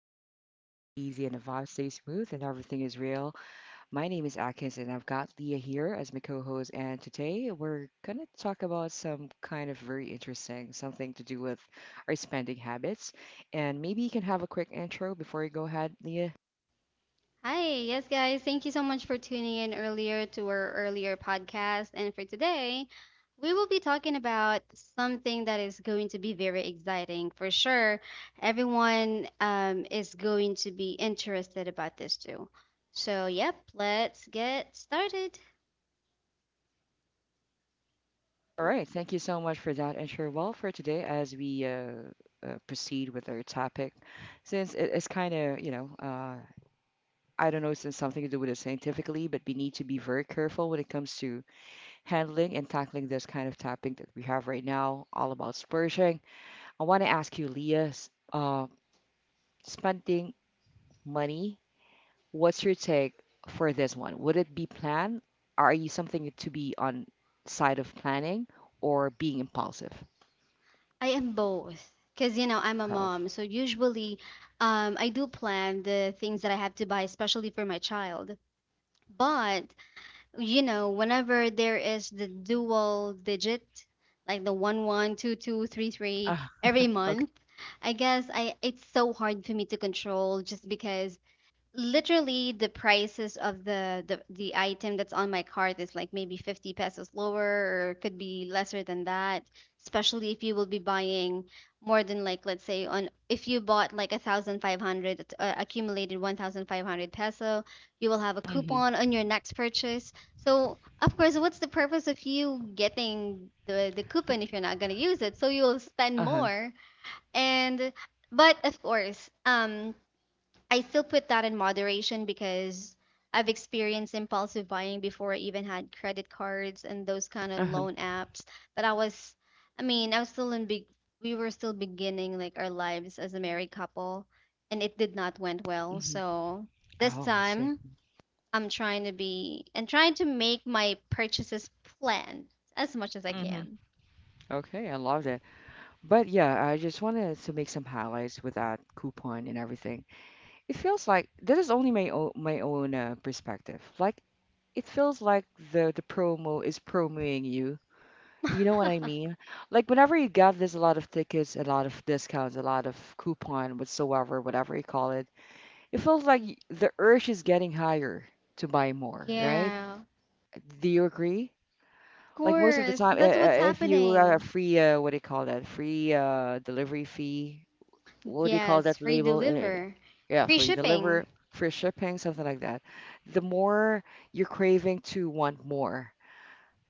conversation flow easy and the vibe stays smooth and everything is real. My name is Atkins and I've got Leah here as my co-host. And today we're gonna talk about some kind of very interesting something to do with our spending habits. And maybe you can have a quick intro before you go ahead, Leah. Hi, yes, guys. Thank you so much for tuning in earlier to our earlier podcast. And for today, we will be talking about something that is going to be very exciting for sure. Everyone is going to be interested about this too. So, yep, let's get started. All right, thank you so much for that intro. Well, for today, as we proceed with our topic, since it is kind of I don't know, it's something to do with it scientifically, but we need to be very careful when it comes to handling and tackling this kind of topic that we have right now, all about splurging. I want to ask you, Leah, spending money, what's your take for this one? Would it be planned? Are you something to be on side of planning or being impulsive? I am both because you know I'm a Correct. mom, so usually I do plan the things that I have to buy, especially for my child. But you know, whenever there is the dual digit, like the one one, two two, three three Ah, every okay. month, I guess I it's so hard for me to control just because literally the prices of the item that's on my cart is like maybe 50 pesos lower or could be lesser than that, especially if you will be buying more than, like, let's say on, if you bought like 1,500 accumulated 1500 peso, you will have a Mm-hmm. coupon on your next purchase. So of course, what's the purpose of you getting the coupon if you're not going to use it? So you'll spend Uh-huh. more. And but of course I still put that in moderation because I've experienced impulsive buying before I even had credit cards and those kind of Uh-huh. loan apps. But I was, I mean, I was still in big, we were still beginning like our lives as a married couple, and it did not went well. Mm-hmm. So this Oh, I see. time I'm trying to make my purchases planned as much as I Mm-hmm. can. Okay, I love that. But yeah, I just wanted to make some highlights with that coupon and everything. It feels like that is only my own perspective. Like it feels like the promo is promoting you. Do you know what I mean? Like whenever you get this a lot of tickets, a lot of discounts, a lot of coupon, whatsoever, whatever you call it, it feels like the urge is getting higher to buy more, right? Yeah, Do you agree? of Like most of the course. time, That's what's if you are a happening. free, what do you call that? Free delivery fee, what do you call Yes, that free label? Eh, deliver, yeah, free free shipping. deliver, free shipping, something like that. The more you're craving to want more,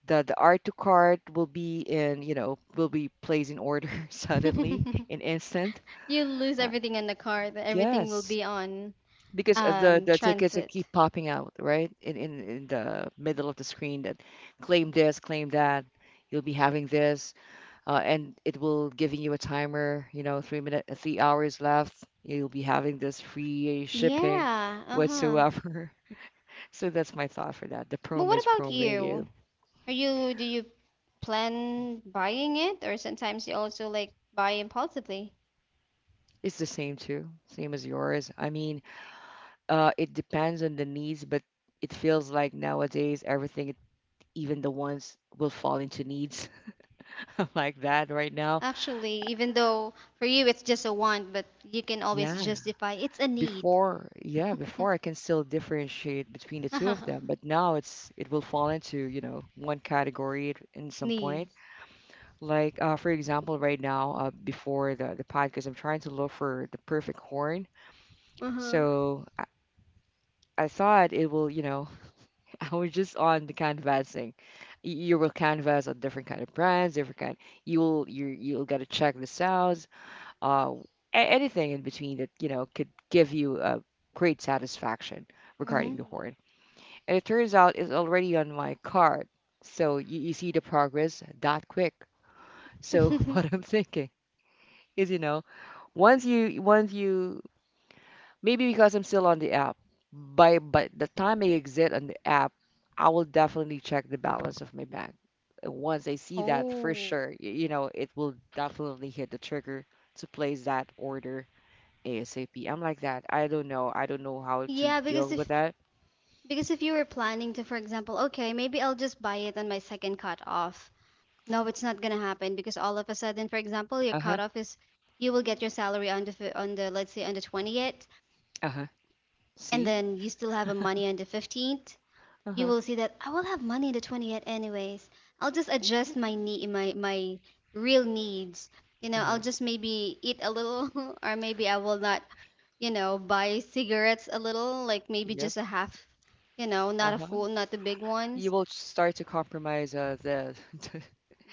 the art to cart will be in, you know, will be placed in order suddenly in instant. You lose Uh, everything in the car, that everything will yes, be on because the tickets that transit. keep popping out, right? In the middle of the screen that claim this, claim that. You'll be having this and it will giving you a timer. You know, 3 minute, 3 hours left. You'll be having this free shipping Yeah, uh-huh. whatsoever. So that's my thought for that. The But promo what is about promoting you? you. Are you do you plan buying it or sometimes you also like buy impulsively? It's the same too, same as yours. I mean, it depends on the needs, but it feels like nowadays everything, even the ones will fall into needs like that right now. Actually, even though for you it's just a want, but you can always Yeah, justify it's a need. before, yeah, before I can still differentiate between the two of them, but now it will fall into, you know, one category in some point. Needs. Like for example right now, before the podcast, I'm trying to look for the perfect horn. Uh-huh. So I thought it will, you know, I was just on the canvassing. You will canvas on different kind of brands, different kind, you will you'll gotta check this out, uh, anything in between that you know could give you a great satisfaction Mm-hmm. regarding the horn. And it turns out it's already on my card. So you see the progress that quick. So what I'm thinking is, you know, once you maybe, because I'm still on the app, by the time I exit on the app, I will definitely check the balance of my bank. Once I see that for Oh. sure, you know, it will definitely hit the trigger to place that order ASAP. I'm like that. I don't know. I don't know how to Yeah, because deal with if that. Because if you were planning to, for example, okay, maybe I'll just buy it on my second cutoff. No, it's not gonna happen because all of a sudden, for example, your Uh-huh. cutoff is, you will get your salary on the fi- on the let's say on the 20th, Uh-huh. and See? then you still have a money on the 15th. You Uh-huh. will see that I will have money on the 20th anyways. I'll just adjust my real needs. You know, Uh-huh. I'll just maybe eat a little, or maybe I will not. You know, buy cigarettes a little, like maybe Yep. just a half. You know, not a Uh-huh. full, not the big You ones, will start to compromise the the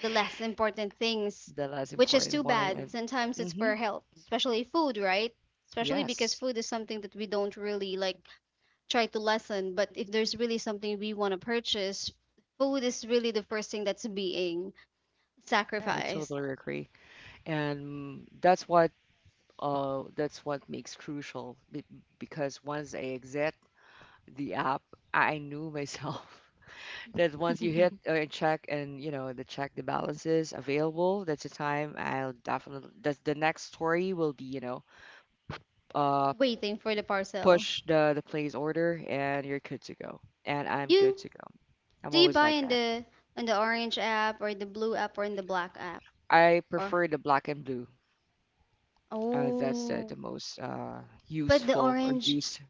the less important things, less which is too important one, bad. and Sometimes it's mm-hmm. for health, especially food, right? Especially because Yes. food is something that we don't really like try to lessen. But if there's really something we want to purchase, food is really the first thing that's being Yeah, I sacrificed. totally agree. And mm, that's what, uh, that's what makes crucial because once I exit the app, I knew myself, that once you hit, and check and you know the check the balances available, that's the time I'll definitely, that's the next story will be, you know, uh, Waiting for the parcel. push the place order and you're good to go. And I'm You good to go. I'm do you always buy like that. In the orange app or the blue app or in the black app I or, prefer the black and blue. That's, oh, the most but the useful or orange, used.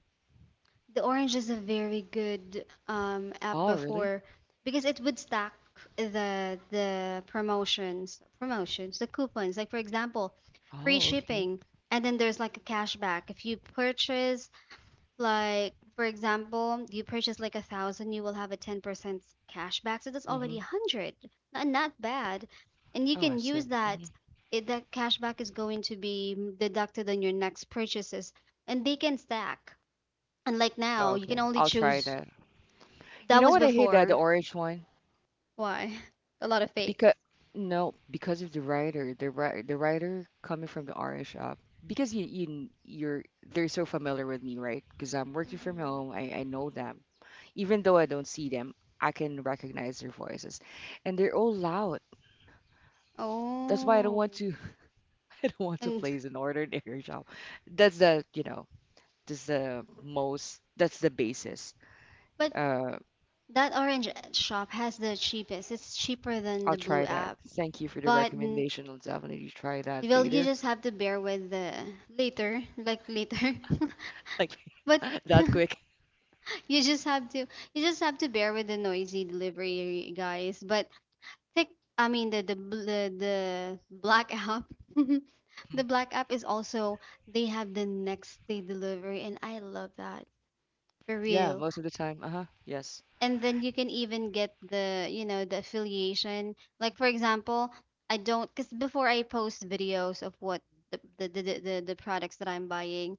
the orange is a very good app Oh, really? before because it would stack the promotions, promotions, the coupons. Like for example, free Oh, okay. shipping, and then there's like a cashback. If you purchase, like for example, you purchase like 1,000, you will have a 10% cashback. So that's Mm-hmm. already 100. Not, not bad. And you Oh, I can see. use Hmm. that. It, that cashback is going to be deducted on your next purchases, and they can stack. And like Oh, now, you can okay. only I'll try choose. that. You That know was what I hate? The before. orange one. Why? A lot of fakes. Because no, because of the writer, the writer coming from the orange up. Because you're they're so familiar with me, right? Because I'm working from Hmm. home, I know them. Even though I don't see them, I can recognize their voices, and they're all loud. That's why I don't want Oh. to I don't want to And place an order in the air shop. That's the, you know, that's the most, that's the basis. but Uh, that orange shop has the cheapest. It's cheaper than I'll the blue try that. app. Thank you for the But mm, recommendation. I'll definitely try that well, you later. just have to bear with the later, like later. Like But that quick. you just have to, you just have to bear with the noisy delivery guys. But Tik I mean the black app. The black app is also, they have the next day delivery and I love that. For Yeah, real. most of the time. Uh-huh. Yes. And then you can even get the, you know, the affiliation. Like for example, I don't, cuz before I post videos of what the products that I'm buying,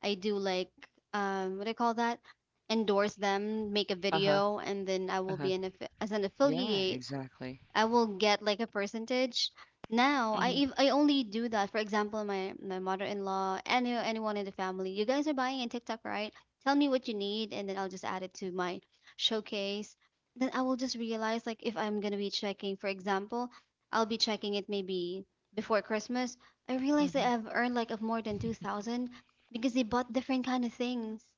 I do like, um, what do I call that? Endorse them, make a Uh-huh. video and then I will be Uh-huh. an affi- as an Yeah, affiliate. exactly. I will get like a percentage. Now, Mm-hmm. I only do that. For example, my mother-in-law, anyone in the family, you guys are buying a TikTok, right? Tell me what you need, and then I'll just add it to my showcase. Then I will just realize, like if I'm gonna be checking, for example, I'll be checking it maybe before Christmas. I realize that Mm-hmm. I've earned like of more than 2,000 because they bought different kind of things.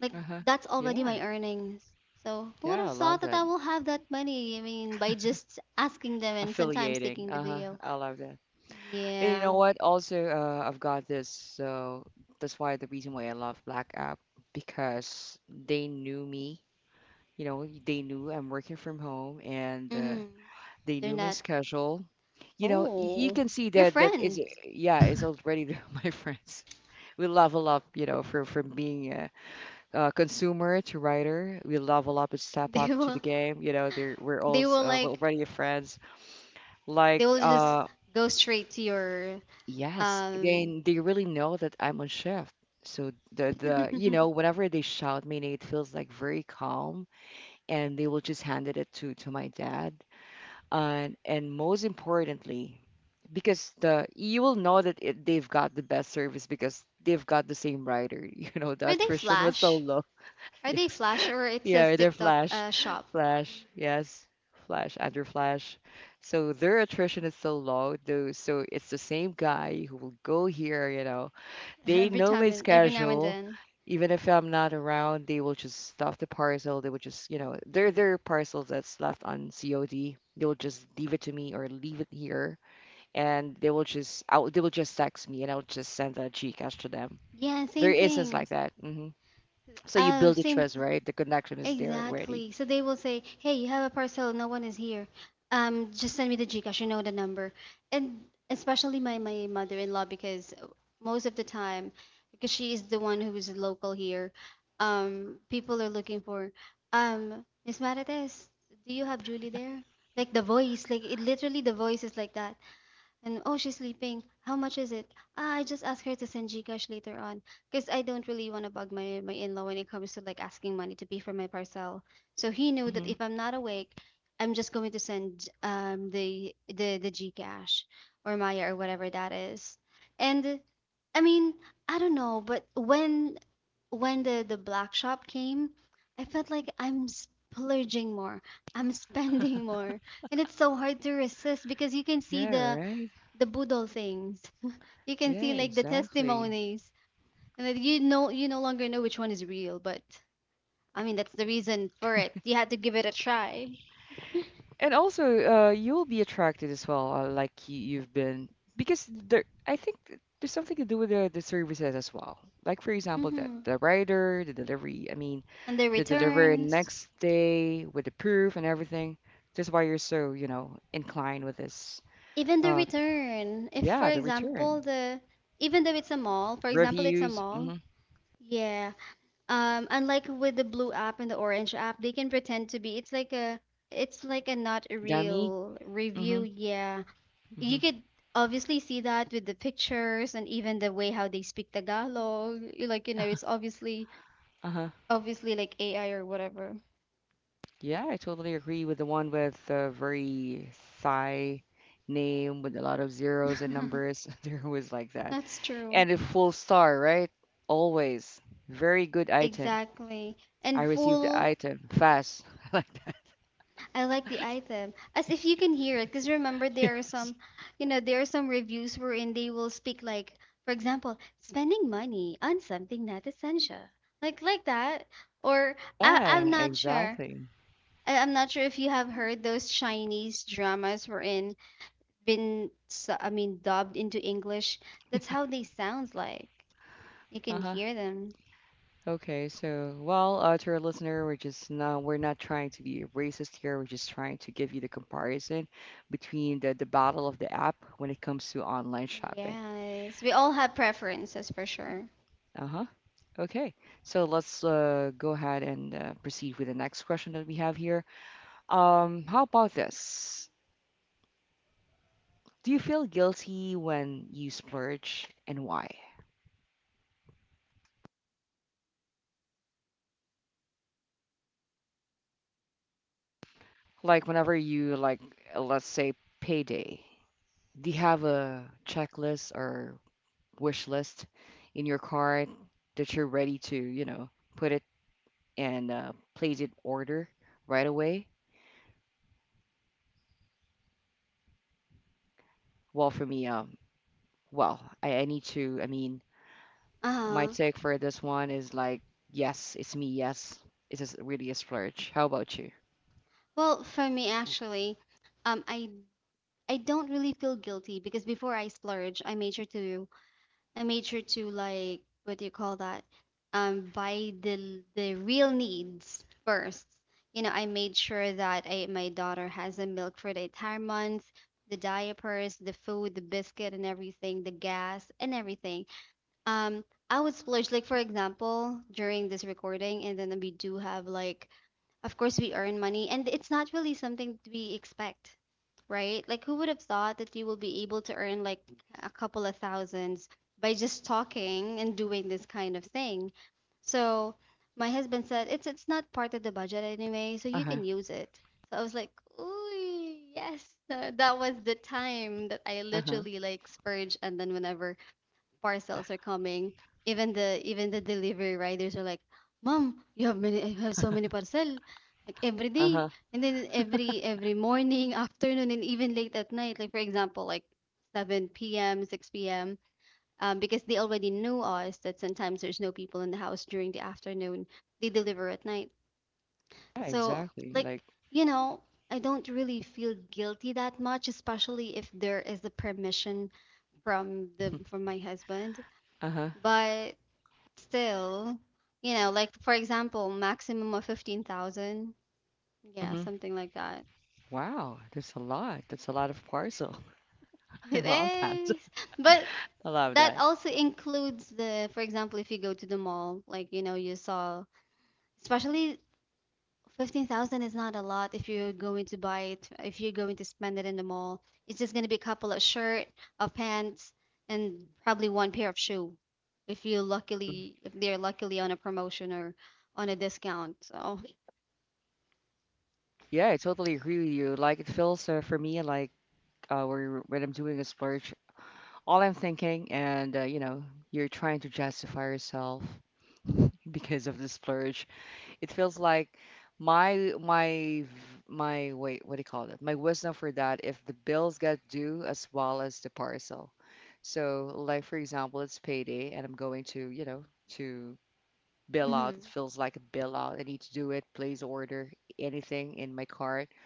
Like, Uh-huh. that's already Yeah. my earnings. So who would Yeah, have I love thought that that. I will have that money? I mean, by just asking them and sometimes Affiliating. taking the Uh-huh. video. I love that. And you know Yeah. what? Also, I've got this, so that's why the reason why I love Black App, because they knew me. You know, they knew I'm working from home and, Mm-hmm. they They're knew my not. schedule. You know, y you Oh, can see your that that is, friends. yeah, it's already my friends. We level up, you know, from being consumer to writer. We level up and step They up to the will. game. You know, they're, we're all They will we're like. already friends. Like, They will just go straight to your. yes, Um. They really know that I'm on shift. So the you know whenever they shout me, it feels like very calm, and they will just handed it to my dad. And most importantly, because the you will know that they've got the best service because they've got the same rider. You know, the Are they attrition was so flash? low. Are they Yes. flash or it says Yeah, they're TikTok Flash. Shop Flash, yes. Flash, under Flash. So their attrition is so low, though. So it's the same guy who will go here, you know. They every know my time and every now and schedule. then? Even if I'm not around, they will just stuff the parcel. They will just, you know, their parcels that's left on COD. They will just leave it to me or leave it here, and they will just out. They will just text me, and I'll just send a Gcash to them. Yeah, There are same instances thing. like that. Hmm. So you build the Same. trust, right? The connection is there already. Exactly. So they will say, "Hey, you have a parcel. No one is here. Just send me the Gcash. You know the number." And especially my mother-in-law, because most of the time, because she is the one who is local here, people are looking for, Miss Marites, do you have Julie there? Like the voice, like it literally the voice is like that. And oh, she's sleeping. How much is it? Ah, I just asked her to send Gcash later on, because I don't really want to bug my in law when it comes to like asking money to pay for my parcel. So he knew that Mm-hmm. if I'm not awake, I'm just going to send the Gcash or Maya or whatever that is. And I mean, I don't know, but when the black shop came, I felt like I'm splurging more. I'm spending more. And it's so hard to resist because you can see Yeah, right. the boodle things. You can Yeah, see like the exactly. testimonies, and then you know you no longer know which one is real. But I mean, that's the reason for it. You had to give it a try. And also, you'll be attracted as well, like you've been, because there, I think there's something to do with the services as well. Like for example, that Hmm. the rider, the delivery, I mean, And the the delivery returns, next day with the proof and everything. That's why you're so, you know, inclined with this. even the Uh, return. If for yeah, the return example the Even though it's a mall, for example, it's a reviews, mall. mm-hmm. Yeah. Unlike with the blue app and the orange app, they can pretend to be. It's like a, it's like a not a Dummy, real review. mm-hmm, Yeah. mm-hmm, You could obviously see that with the pictures and even the way how they speak Tagalog. You- like, you know, it's obviously, uh-huh. obviously like AI or whatever. Yeah, I totally agree with the one with the very Thai name with a lot of zeros and numbers. They're always like that. That's true. And a full star, right? Always. Very good item. Exactly. I And received the full, item fast. Like that. I like the item. As if you can hear it, because remember there are Yes. some, you know, there are some reviews wherein they will speak like, for example, spending money on something not essential. Like that. Or Yeah, I'm not sure. exactly. I'm not sure if you have heard those Chinese dramas wherein I mean dubbed into English. That's how they sound like. You can Uh-huh. hear them. Okay, so well, to our listener, we're not trying to be racist here. We're just trying to give you the comparison between the battle of the app when it comes to online shopping. Yes, we all have preferences for Y- sure. Uh-huh. Okay, so let's, go ahead and, proceed with the next question that we have here. How about this? Do you feel guilty when you splurge and why? Like whenever you like, let's say payday, do you have a checklist or wish list in your cart that you're ready to, you know, put it and, place it order right away? Well, for me, well, I need to, I mean, my Uh-huh. take for this one is like, yes, it's me, yes. It is really a splurge. How about you? Well, for me actually, um, I I don't really feel guilty because before I splurge, I made sure to, like, what do you call that? Buy the real needs first. You know, I made sure that I, my daughter has a milk for the entire month, the diapers, the food, the biscuit, and everything, the gas, and everything. Um, I would splurge like, for example, during this recording, and then we do have like, of course, we earn money, and it's not really something we expect, right? Like, who would have thought that you will be able to earn like a couple of thousands by just talking and doing this kind of thing? So my husband said it's not part of the budget anyway, so you Uh-huh. can use it. So I was like, ooh, yes. That was the time that I Uh-huh. literally like spurge, and then whenever parcels are coming, even the delivery riders are like, "Mom, you have many, I have so many parcel, like every day, Uh-huh. and then every morning, afternoon, and even late at night. Like for example, like 7 p.m., 6 p.m. Because they already know us that sometimes there's no people in the house during the afternoon. They deliver at night. Yeah, So exactly. like Like, you know, I don't really feel guilty that much, especially if there is a permission from my husband. uh-huh. But still, you know, like for example, maximum of 15,000. Yeah, Mm-hmm. something like that. Wow, that's a lot. That's a lot of parcel. I It love that. is. But I love that that. also includes the, for example, if you go to the mall, like, you know, you saw, especially 15,000 is not a lot if you're going to buy it, if you're going to spend it in the mall. It's just going to be a couple of shirt, of pants, and probably one pair of shoe if you luckily, if they're luckily on a promotion or on a discount. So, Yeah, I totally agree with you. Like it feels, for me like, when I'm doing a splurge, all I'm thinking, and, you know, you're trying to justify yourself because of the splurge. It feels like my my v- my wait, what do you call it? My wisdom for that if the bills get due as well as the parcel. So, like for example, it's payday and I'm going to, you know, to bill out. It mhm. feels like a bill out. I need to do it, place order, anything in my cart.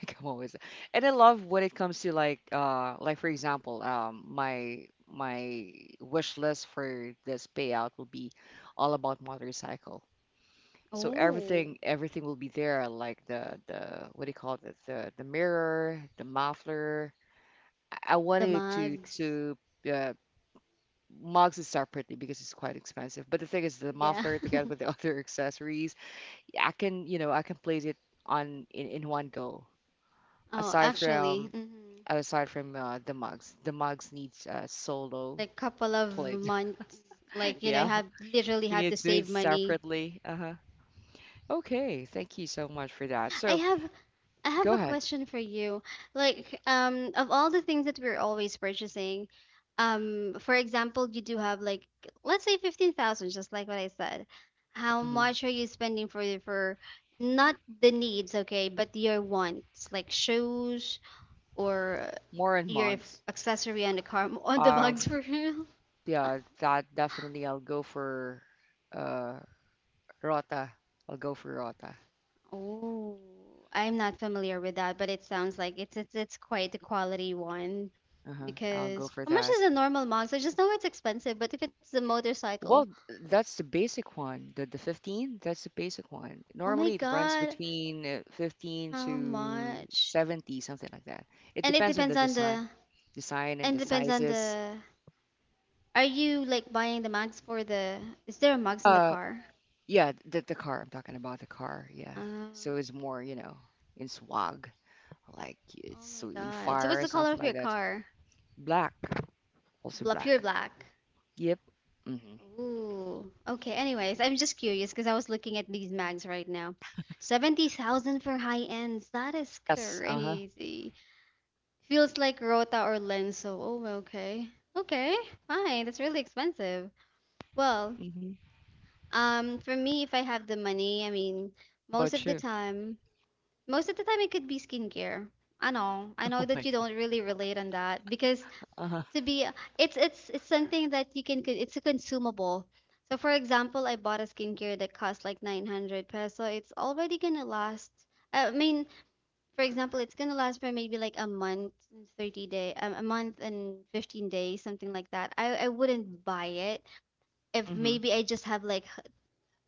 Like I'm always, and I love when it comes to like for example, my wish list for this payout will be all about motorcycle. So Oh, everything will be there, like the what do you call it? The mirror, the muffler. I the wanted to mugs. to uh, mugs is separately because it's quite expensive. But the thing is, the Yeah. muffler together with the other accessories, yeah, I can, you know, I can place it on in one go. Oh, Aside actually, from mhm. aside from the mugs needs a solo Like couple of plate. months, like you know, I Yeah, have literally you had need to to do it save money. separately. Uh-huh. Okay, thank you so much for that. I So have I have go a ahead. question for you. Like, of all the things that we're always purchasing, for example, you do have like let's say 15,000, just like what I said. How much are you spending for not the needs, okay, but your wants, like shoes or More on your f- mugs. accessory on the car, on the mugs Um, for real? yeah, that definitely I'll go for uh Rota. I'll go for Rota. Oh, I'm not familiar with that, but it sounds like it's quite the quality one. Uh-huh. I'll go Because for how much that. is a normal mugs? I just know it's expensive, but if it's the motorcycle, Well, that's the basic one. The 15, that's the basic one. oh my Normally it runs god, between 15 how to much? 70, something like that. It And it depends on depends the on design, the design and and the depends on sizes. the. Are you like buying the mugs for the? Is there a mugs in the Uh, car? yeah, the car. I'm talking about the car. Yeah. Uh, So it's more, you know, in swag, like it's oh my so in god. So fire what's or the color something of like your that. car? Black. Also Bla pure black. black. Yep. Mm-hmm. Ooh. Okay, anyways, I'm just curious because I was looking at these mags right now. 70,000 for high ends. That is Yes. Uh-huh. crazy. Feels like Rota or Lenso. Oh, okay. Okay, fine. That's really expensive. Well, Mm-hmm. For me, if I have the money, I mean, How most about of the you? time, most of the time it could be skincare. I know. I Oh know my that you God. don't really relate on that because Uh-huh. to be it's something that you can co- it's a consumable, so for example, I bought a skincare that costs like 900 peso. It's already gonna last, I mean, for example, it's gonna last for maybe like a month and 30 day, a month and 15 days, something like that. I wouldn't buy it if Mm-hmm. maybe I just have like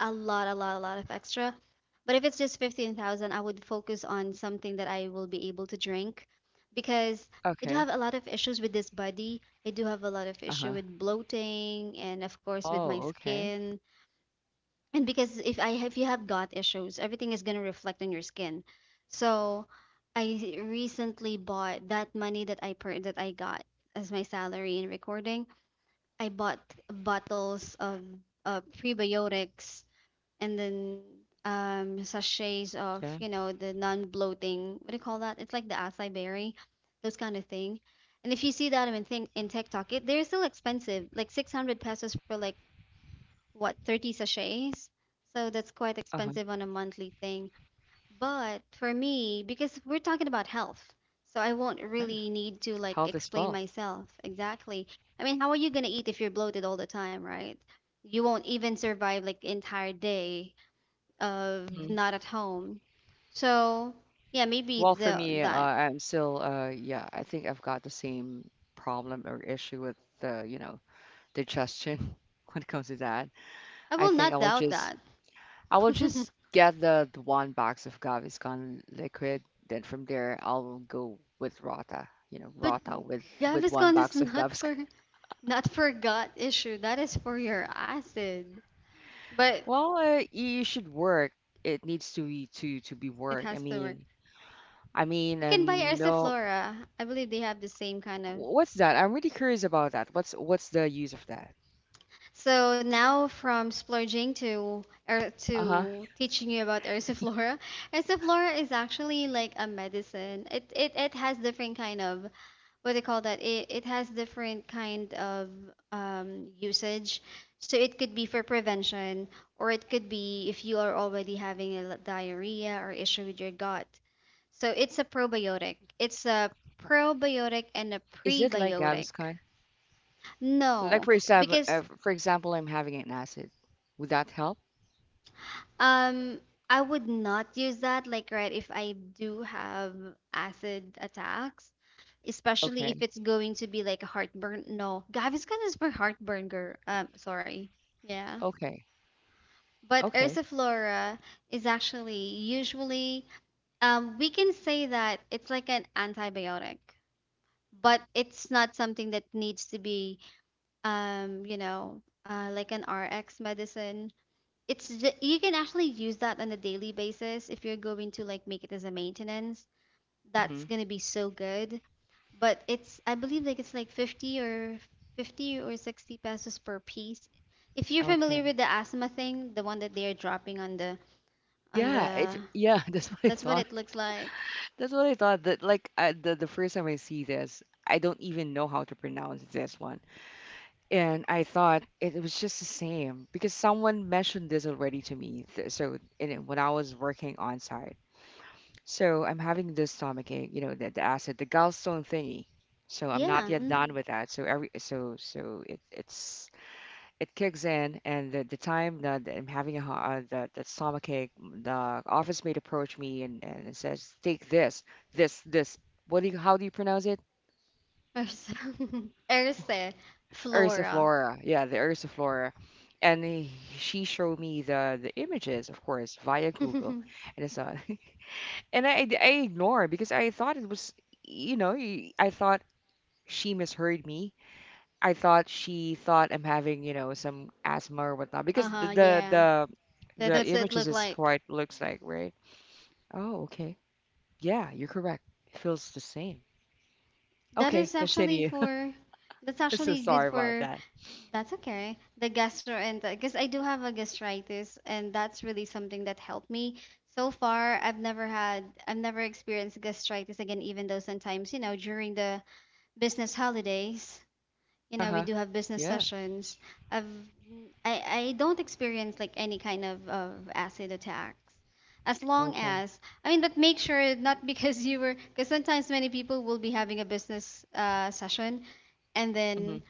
a lot of extra. But if it's just 15,000, I would focus on something that I will be able to drink because I do Okay. have a lot of issues with this body. I do have a lot of issue Uh-huh. with bloating and of course with my Oh, okay. skin. And because if you have gut issues, everything is going to reflect on your skin. So I recently bought that money that that I got as my salary in recording. I bought bottles of prebiotics and then sachets of, Okay. you know, the non-bloating, what do you call that, it's like the acai berry, those kind of thing. And if you see that in, think in TikTok, it, they're still expensive, like 600 pesos for like, what, 30 sachets? So that's quite Uh-huh. expensive on a monthly thing. But for me, because we're talking about health, so I won't really need to like Health is explain wealth. myself exactly. I mean, how are you going to eat if you're bloated all the time, right? You won't even survive like entire day of Mhm. not at home. So yeah, maybe Well, for the, me, that. I'm still, yeah, I think I've got the same problem or issue with the, you know, digestion when it comes to that. I I will think not I will doubt just that. I will just get the one box of Gaviscon liquid. Then from there, I'll go with Rota. You know, But Rota with one Gaviscon is box of not Gaviscon. for not for gut issue. That is for your acid. But Well, you should work. It needs to be it work. Has to work. I mean, You can buy and no, Erciflora. I believe they have the same kind of. what's that? I'm really curious about that. What's the use of that? So now from splurging Uh-huh. to teaching you about Erciflora. Erciflora is actually like a medicine. It has different kind of, what do you call that, it has different kind of usage. So it could be for prevention or it could be if you are already having a diarrhea or issue with your gut. So it's a probiotic, and a Is it like prebiotic. Gaviscon? Like No, because for example, I'm having an acid. Would that help? Um, I would not use that, like, right, if I do have acid attacks, especially if Okay. it's going to be like a heartburn. No, Gaviscon is for heartburn, girl. Sorry. Yeah. Okay. But Okay. Ursiflora is actually usually, we can say that it's like an antibiotic, but it's not something that needs to be, you know, like an RX medicine. You can actually use that on a daily basis if you're going to like make it as a maintenance. Hmm. That's going to be so good. But it's, I believe, like it's like 50 or 60 pesos per piece. If you're Okay. familiar with the asthma thing, the one that they are dropping on the on Yeah, it the, yeah, that's what I that's what thought. it looks like. That's what I thought that like I, the first time I see this, I don't even know how to pronounce this one. And I thought it, was just the same because someone mentioned this already to me. So in when I was working on site. So I'm having this stomach ache, you know, the acid, the gallstone thingy. So I'm not Yeah, yet mm-hmm. done with that. So every so so it it's it kicks in, and the time that I'm having a the stomach ache, the office mate approached me and it says, "Take this, this, this. What do you? How do you pronounce it? Ursa ursa flora. Ursiflora. Yeah, the Ursiflora." And he, she showed me the images, of course, via Google, Uh-huh, and it's and I ignore because I thought it was, you know, I thought she misheard me. I thought she thought I'm having, you know, some asthma or whatnot because yeah, that, the that's what it images look is like. quite looks like, right? Oh, okay. Yeah, you're correct. It feels the same. That Okay, is actually continue. for, that's I'm so actually good sorry about for. that. That's okay. The gastro, because I do have a gastritis, and that's really something that helped me. So far, I've never had, I've never experienced gastritis again, even though sometimes, you know, during the business holidays, you know, we Uh-huh. do have business Yeah. sessions. I've, I don't experience like any kind of acid attacks. As long Okay. as, I mean, but make sure not because you were, because sometimes many people will be having a business session, and Hmm. then,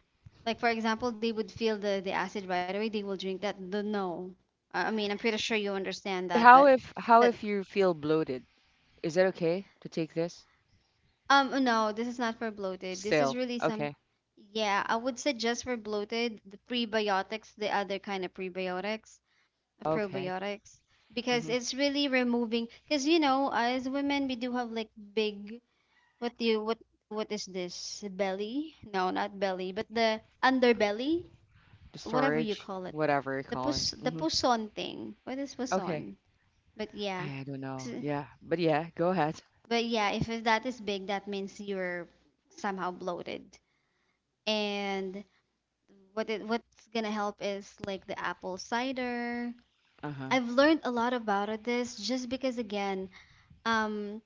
like for example, they would feel the acid right away. They will drink that. The no. I mean, I'm pretty sure you understand that, but How that, if you feel bloated? Is it okay to take this? No, this is not for bloated. This is Still. really some. Okay. Yeah, I would suggest for bloated the prebiotics, the other kind of prebiotics, Okay. probiotics, because Hmm. it's really removing. Because you know, as women, we do have like big. What do you, what is this belly? No, not belly, but the underbelly, The whatever you storage, call it. whatever you The call it. pus, the Hmm. puson thing. What is Okay. puson? But yeah. I don't know. Ks- Yeah. But yeah, go ahead. But yeah, if it- that is big, that means you're somehow bloated. And what it, what's gonna help is like the apple cider. Uh-huh. I've learned a lot about it, this just because again, um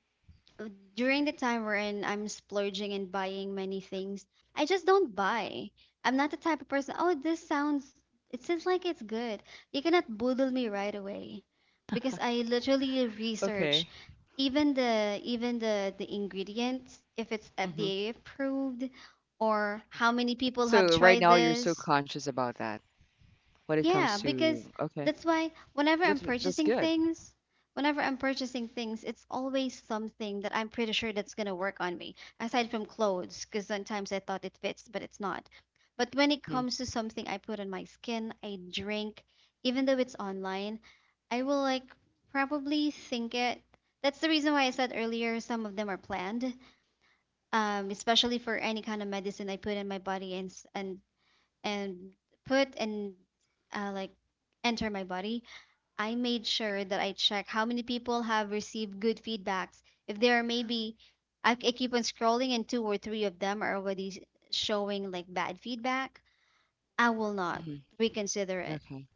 during the time wherein I'm splurging and buying many things, I just don't buy. I'm not the type of person, oh, this sounds, it seems like it's good. You cannot boodle me right away because I literally research Okay. even the ingredients if it's FDA approved or how many people have So right tried now you're so this. conscious about that when it comes Yeah, to because okay. that's why whenever I'm That's purchasing good. things, whenever I'm purchasing things, it's always something that I'm pretty sure that's gonna work on me, aside from clothes, because sometimes I thought it fits, but it's not. But when it Mhm, comes to something I put on my skin, I drink, even though it's online, I will like probably think it. That's the reason why I said earlier some of them are planned, especially for any kind of medicine I put in my body and s- and put and like enter my body, I made sure that I check how many people have received good feedbacks. If there are maybe, I keep on scrolling and two or three of them are already showing like bad feedback, I will not mhm. reconsider it. Okay.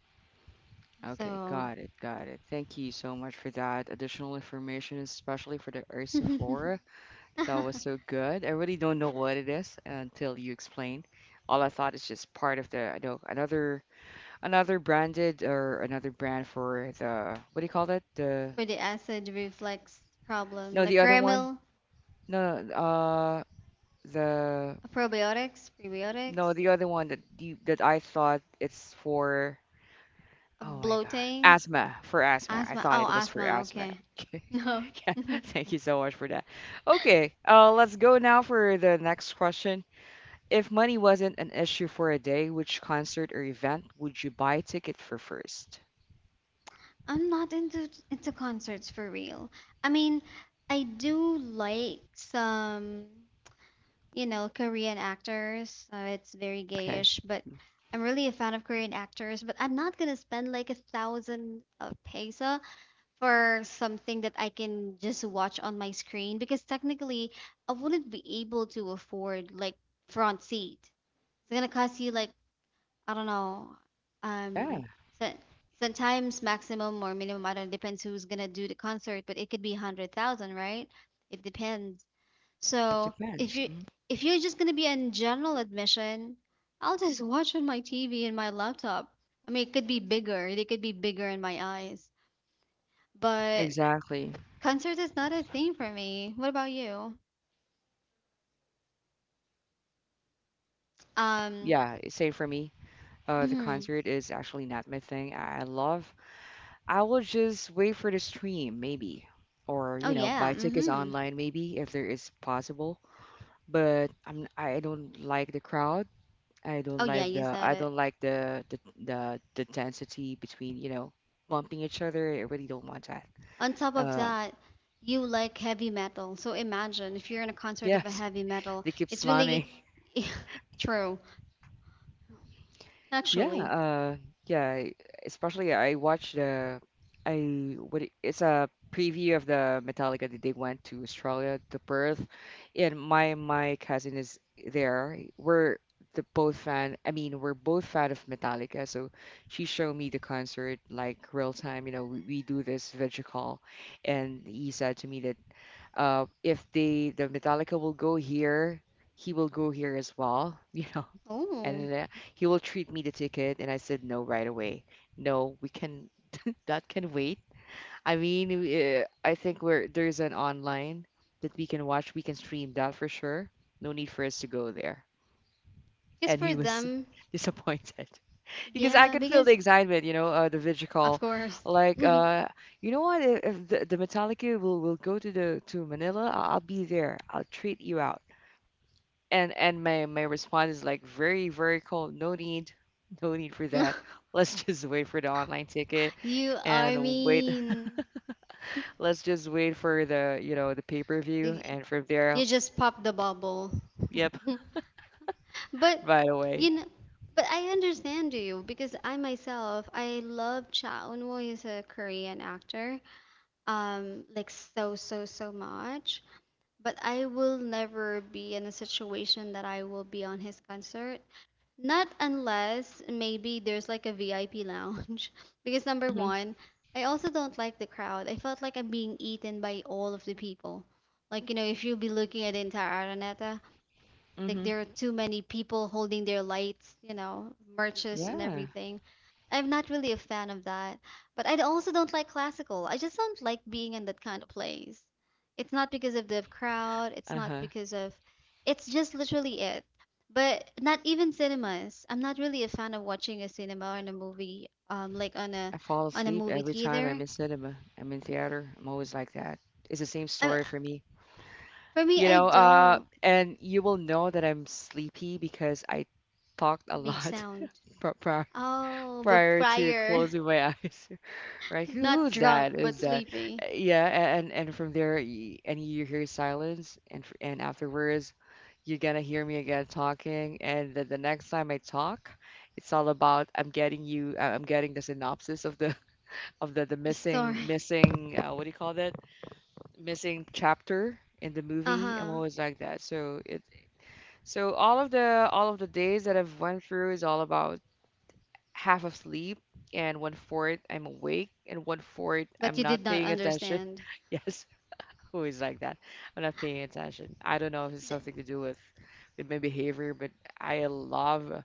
Okay, So got it, got it. Thank you so much for that additional information, especially for the for Ursiflora. That was so good. I really don't know what it is until you explain. All I thought is just part of the, I know, another another branded or another brand for the, what do you call that? The, the acid reflux problem, no, like the other one. caramel, No, no, the— probiotics, No, prebiotics, the other one that you, that I thought it's for, oh my God, bloating, asthma, for asthma. I asthma. thought Oh, it was for asthma. asthma. Okay. No. Yeah, thank you so much for that. Okay, let's go now for the next question. If money wasn't an issue for a day, which concert or event would you buy a ticket for first? I'm not into concerts for real. I mean, I do like some, you know, Korean actors. It's very Okay. gayish, but I'm really a fan of Korean actors. But I'm not gonna spend like a thousand peso for something that I can just watch on my screen, because technically I wouldn't be able to afford like front seat. It's gonna cost you like, I don't know. Um, Yeah, so, sometimes maximum or minimum, I don't know, depends who's gonna do the concert, but it could be 100,000, right? It depends. it So if depends. you Mhm. if you're just gonna be in general admission, I'll just watch on my TV and my laptop. I mean, it could be bigger. They could be bigger in my eyes, but Exactly. concert is not a thing for me. What about you? Um, Yeah, same for me. The mhm. concert is actually not my thing. I will just wait for the stream, maybe, or Oh you know, yeah, buy tickets mm-hmm. online, maybe if there is possible. But I'm I don't like the crowd. I Oh don't yeah, like you the I said don't like the density between you know bumping each other. I really don't want that. on top of Uh, that, you like heavy metal. So imagine if you're in a concert of a yes, heavy metal, they keep it's really slamming. true, Yeah, actually. Yeah, especially I watched the I what it- it's a preview of the Metallica that they went to Australia, to Perth, and my cousin is there. We're the both fan. I mean, we're both fan of Metallica, so she showed me the concert like real time. You know, we do this video call, and he said to me that if they the Metallica will go here, he will go here as well. You know, and Oh, he will treat me the ticket, and I said no right away. No, we can that can wait. I mean, I think we're there's an online that we can watch, we can stream that for sure. No need for us to go there. because And he for was them, disappointed because I yeah, can feel the because excitement, you know, the video of call, course, like you know what if the, the Metallica will go to the to Manila, I- I'll be there, I'll treat you out. And my response is like very very cold. No need, no need for that. Let's just wait for the online ticket you are and wait. mean. Let's just wait for the you know the pay per view, Y- and from there, You just pop the bubble. yep, But right away. you know, but I understand you because I myself, I love Cha Eun-woo. He's a Korean actor. Like so, so, so much. But I will never be in a situation that I will be on his concert. Not unless maybe there's like a VIP lounge. Because number Mhm, one, I also don't like the crowd. I felt like I'm being eaten by all of the people. Like, you know, if you'll be looking at the entire Araneta, like mhm. there are too many people holding their lights, you know, merches and Yeah. everything. I'm not really a fan of that. But I also don't like classical. I just don't like being in that kind of place. It's not because of the crowd, it's Uh not huh. because of, it's just literally it. But not even cinemas. I'm not really a fan of watching a cinema or in a movie, like I fall on a asleep movie every time I'm theater. in cinema. I'm in theater. I'm always like that. It's the same I, story for me. for me, You I know, don't and you will know that I'm sleepy because I talked a make lot. sound. Pro- pro- Oh, but Prior to prior. closing my eyes. Right? Who, Not who's drunk, that? Is but that? Sleepy. Yeah, and from there, and you hear silence, and and afterwards, you're gonna hear me again talking, and the next time I talk, it's all about I'm getting you, I'm getting the synopsis of the of the The missing story. missing uh, what do you call that? Missing chapter in the Uh movie. I'm huh. always like that. So it so all of the days that I've went through is all about half of sleep and one fourth I'm awake and one fourth But I'm you did not not paying attention. understand. Yes, always like that. I'm not paying attention. I don't know if it's The something to do with my behavior, but I love.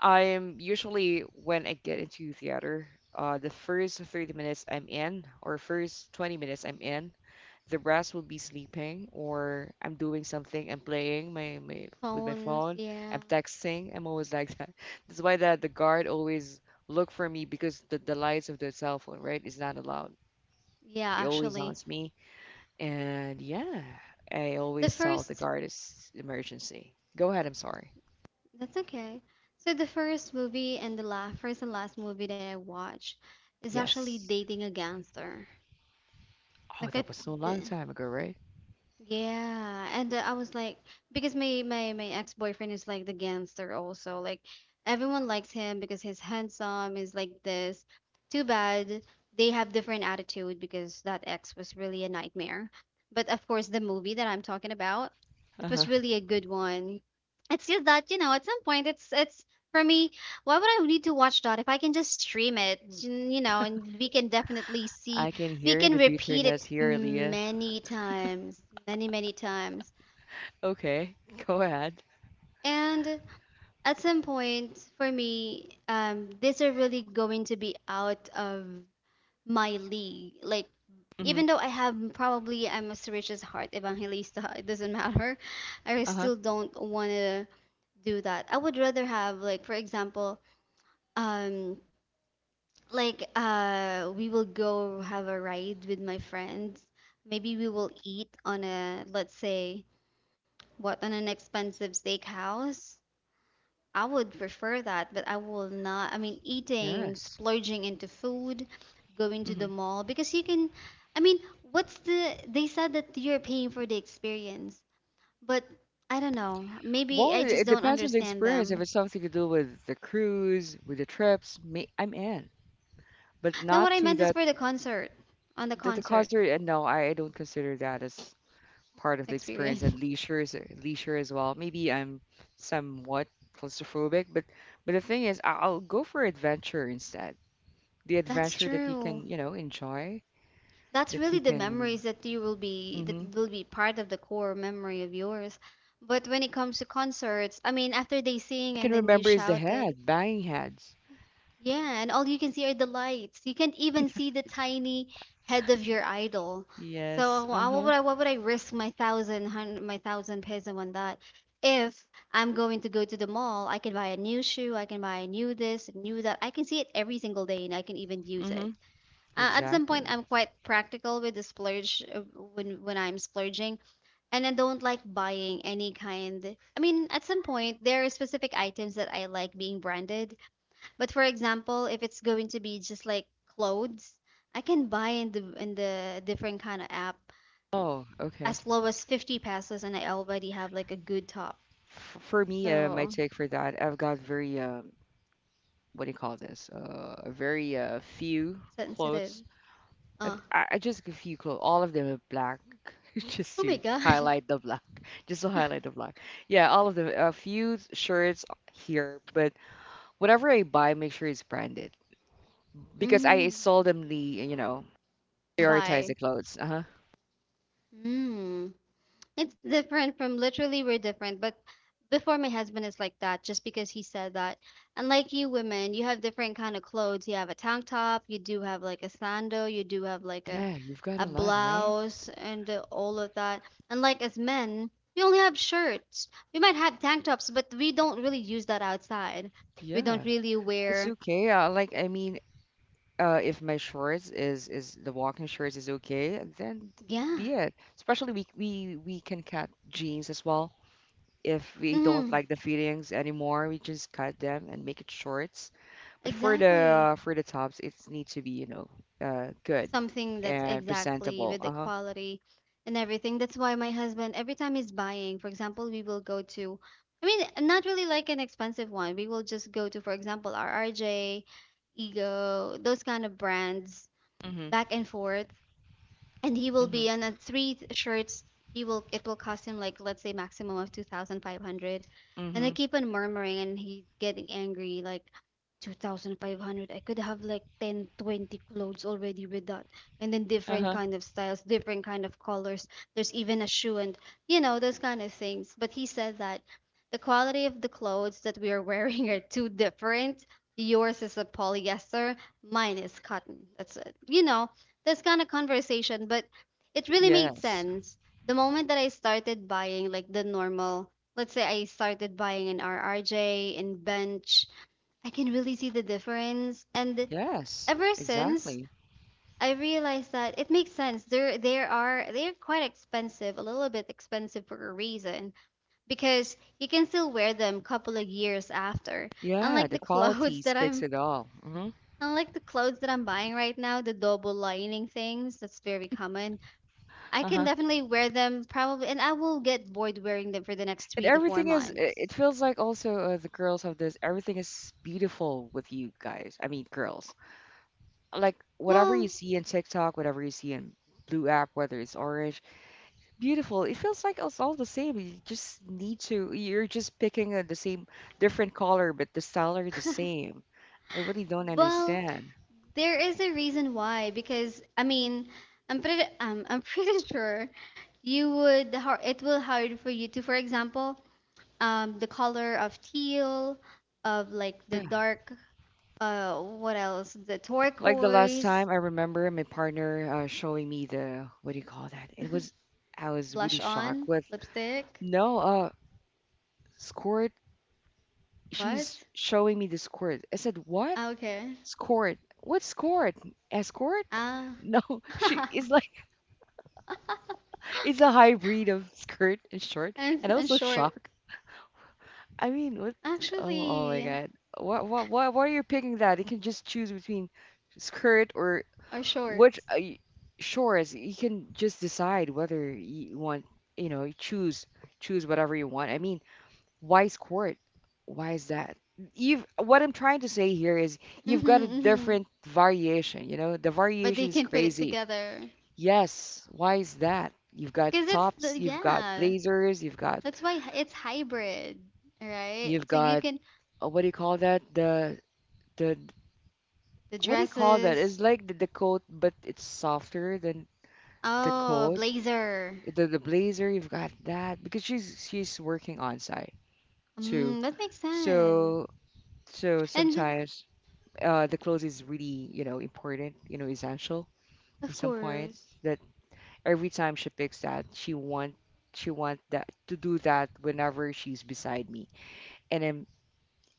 I am usually when I get into theater, the first 30 minutes I'm in or first 20 minutes I'm in, the rest will be sleeping or I'm doing something. I'm playing my, my with my phones, phone. I'm yeah. texting. I'm always like that. That's why the guard always look for me because the lights of the cell phone, right, is not allowed. Yeah, It always actually, haunts me. And yeah, I the always tell the first. guard it's emergency. Go ahead. I'm sorry. That's okay. So the first movie and the last, first and last movie that I watched is actually Yes. Dating a Gangster. Oh, Look that at was so the, long time ago, right? yeah, and I was like, because my ex-boyfriend is like the gangster also. Like everyone likes him because he's handsome, he's like this. Too bad they have different attitude because that ex was really a nightmare. But of course, the movie that I'm talking about, it Uh-huh. was really a good one. It's just that, you know, at some point it's for me, why would I need to watch that if I can just stream it, mm, you know, and we can definitely see, I can we hear can the repeat bitterness it here, Leah. many times, many, many times. Okay, go ahead. And at some point, for me, these are really going to be out of my league. Like, Mm-hmm. even though I have probably I'm a rich heart evangelista, it doesn't matter. I Uh-huh. still don't want to do that. I would rather have like, for example, um, like we will go have a ride with my friends. Maybe we will eat on a, let's say, what, on an expensive steakhouse? I would prefer that, but I will not. I mean, eating, Yes. splurging into food, going to Mm-hmm. the mall because you can. I mean, what's the? They said that you're paying for the experience, but I don't know. Maybe Well, I it, just it don't depends on the understand experience. If them. it's something to do with the cruise, with the trips, me, I'm in. But No, what not I to meant is that, for the concert, on the that the concert concert. And no, I don't consider that as part of the experience. And experience. leisure is leisure as well. Maybe I'm somewhat claustrophobic, but the thing is, I- I'll go for adventure instead. The That's adventure that you true. can, you know, enjoy, That's that really you the can. memories that you will be, that Mm-hmm. will be part of the core memory of yours. But when it comes to concerts, I mean after they I sing can and then you remember is the shouted, head, banging heads. yeah, and all you can see are the lights. You can't even see the tiny head of your idol. Yes. So why- what Uh-huh. would I, what would I risk my thousand hundred, my thousand peso on that if I'm going to go to the mall? I can buy a new shoe, I can buy a new this, new that. I can see it every single day and I can even use Mm-hmm. it. At some point, Exactly. I'm quite practical with the splurge, when I'm splurging, and I don't like buying any kind. I mean, at some point, there are specific items that I like being branded. But for example, if it's going to be just like clothes, I can buy in the different kind of app Oh, okay. as low as 50 pesos, and I already have like a good top. F- for me, my So take for that, I've got very what do you call this? Very few sensitive. clothes. Uh, I just like a few clothes. All of them are black, just oh my to God. highlight the black. Just to highlight the black. Yeah, all of them. A few shirts here, but whatever I buy, make sure it's branded because I Mm, seldomly, you know, prioritize bye. the clothes. Uh huh. Mm. It's different, from literally we're different, but before my husband is like that just because he said that. Unlike you women, you have different kind of clothes. You have a tank top, you do have like a sandal, you do have like a, Yeah, you've got a a lot, right? blouse and all of that. Unlike as men, we only have shirts. We might have tank tops, but we don't really use that outside. We Yeah. don't really It's wear. okay. Like, I mean, if my shorts is the walking shorts is okay, then Yeah. be it. Especially we can cut jeans as well. If we don't Mm, like the fittings anymore, we just cut them and make it shorts. But exactly. For the tops, it needs to be, you know, good Something that's and exactly presentable. with the Uh-huh. quality and everything. That's why my husband, every time he's buying, for example, we will go to, I mean, not really like an expensive one. We will just go to, for example, RRJ, Ego, those kind of brands, Mhm. back and forth, and he will Mhm. be on a shirts. He will, it will cost him like, let's say, maximum of 2,500, and I Mhm. keep on murmuring and he's getting angry. Like, 2,500, I could have like 10, 20 clothes already with that, and then different Uh-huh. kind of styles, different kind of colors. There's even a shoe and, you know, those kind of things. But he said that the quality of the clothes that we are wearing are too different. Yours is a polyester, mine is cotton, that's it, you know, this kind of conversation. But it really made Yes. sense. The moment that I started buying like the normal, let's say I started buying an RRJ and Bench, I can really see the difference. And Yes. ever since, Exactly. I realized that it makes sense. There are, they're quite expensive, a little bit expensive for a reason. Because you can still wear them couple of years after. Yeah, Unlike the the clothes quality that speaks I'm, it all. Mhm. unlike the clothes that I'm buying right now, the double lining things, that's very common. I can Uh-huh. definitely wear them probably, and I will get bored wearing them for the next And three to four everything is, it months. feels like also the girls have this, everything is beautiful with you guys. I mean, girls. Like, whatever Well, you see in TikTok, whatever you see in Blue app, whether it's orange, beautiful. It feels like it's all the same. You just need to, you're just picking the same, different color, but the style are the same. I really don't well, understand. there is a reason why, because I mean, I'm pretty sure you would har- it will hard for you to, for example, the color of teal, of like the Yeah. dark, what else? The Like the last turquoise, time I remember my partner showing me the, what do you call that? It was, I was really blush shocked on with, lipstick. no, squirt, she's What? showing me the squirt. I said, "What Ah, okay. squirt? What squirt? Escort?" Ah, No, she is like it's a hybrid of skirt and short, and I was and so short. shocked. I mean, what? Oh, oh my Actually, God! What? What? What? Why are you picking that? You can just choose between skirt or are short. which shorts. You can just decide whether you want, you know, choose choose whatever you want. I mean, why is court? Why is that? You've What I'm trying to say here is you've Mhm, got a mhm. different variation, you know? The But they variation is can put it crazy. together. Yes, why is that? You've got Because it's tops, the, you've got yeah. blazers, you've got That's why h- it's hybrid, right? you've So you got can, what do you call that? The the What do you call that? It's dresses. like the coat, but it's softer than the Oh, a coat. blazer. The blazer, you've got that because she's working on site too. Mm, that makes sense. So so And sometimes. The clothes is really, important, essential in of some point. course. That every time she picks that, she want that to do that whenever she's beside me, and I'm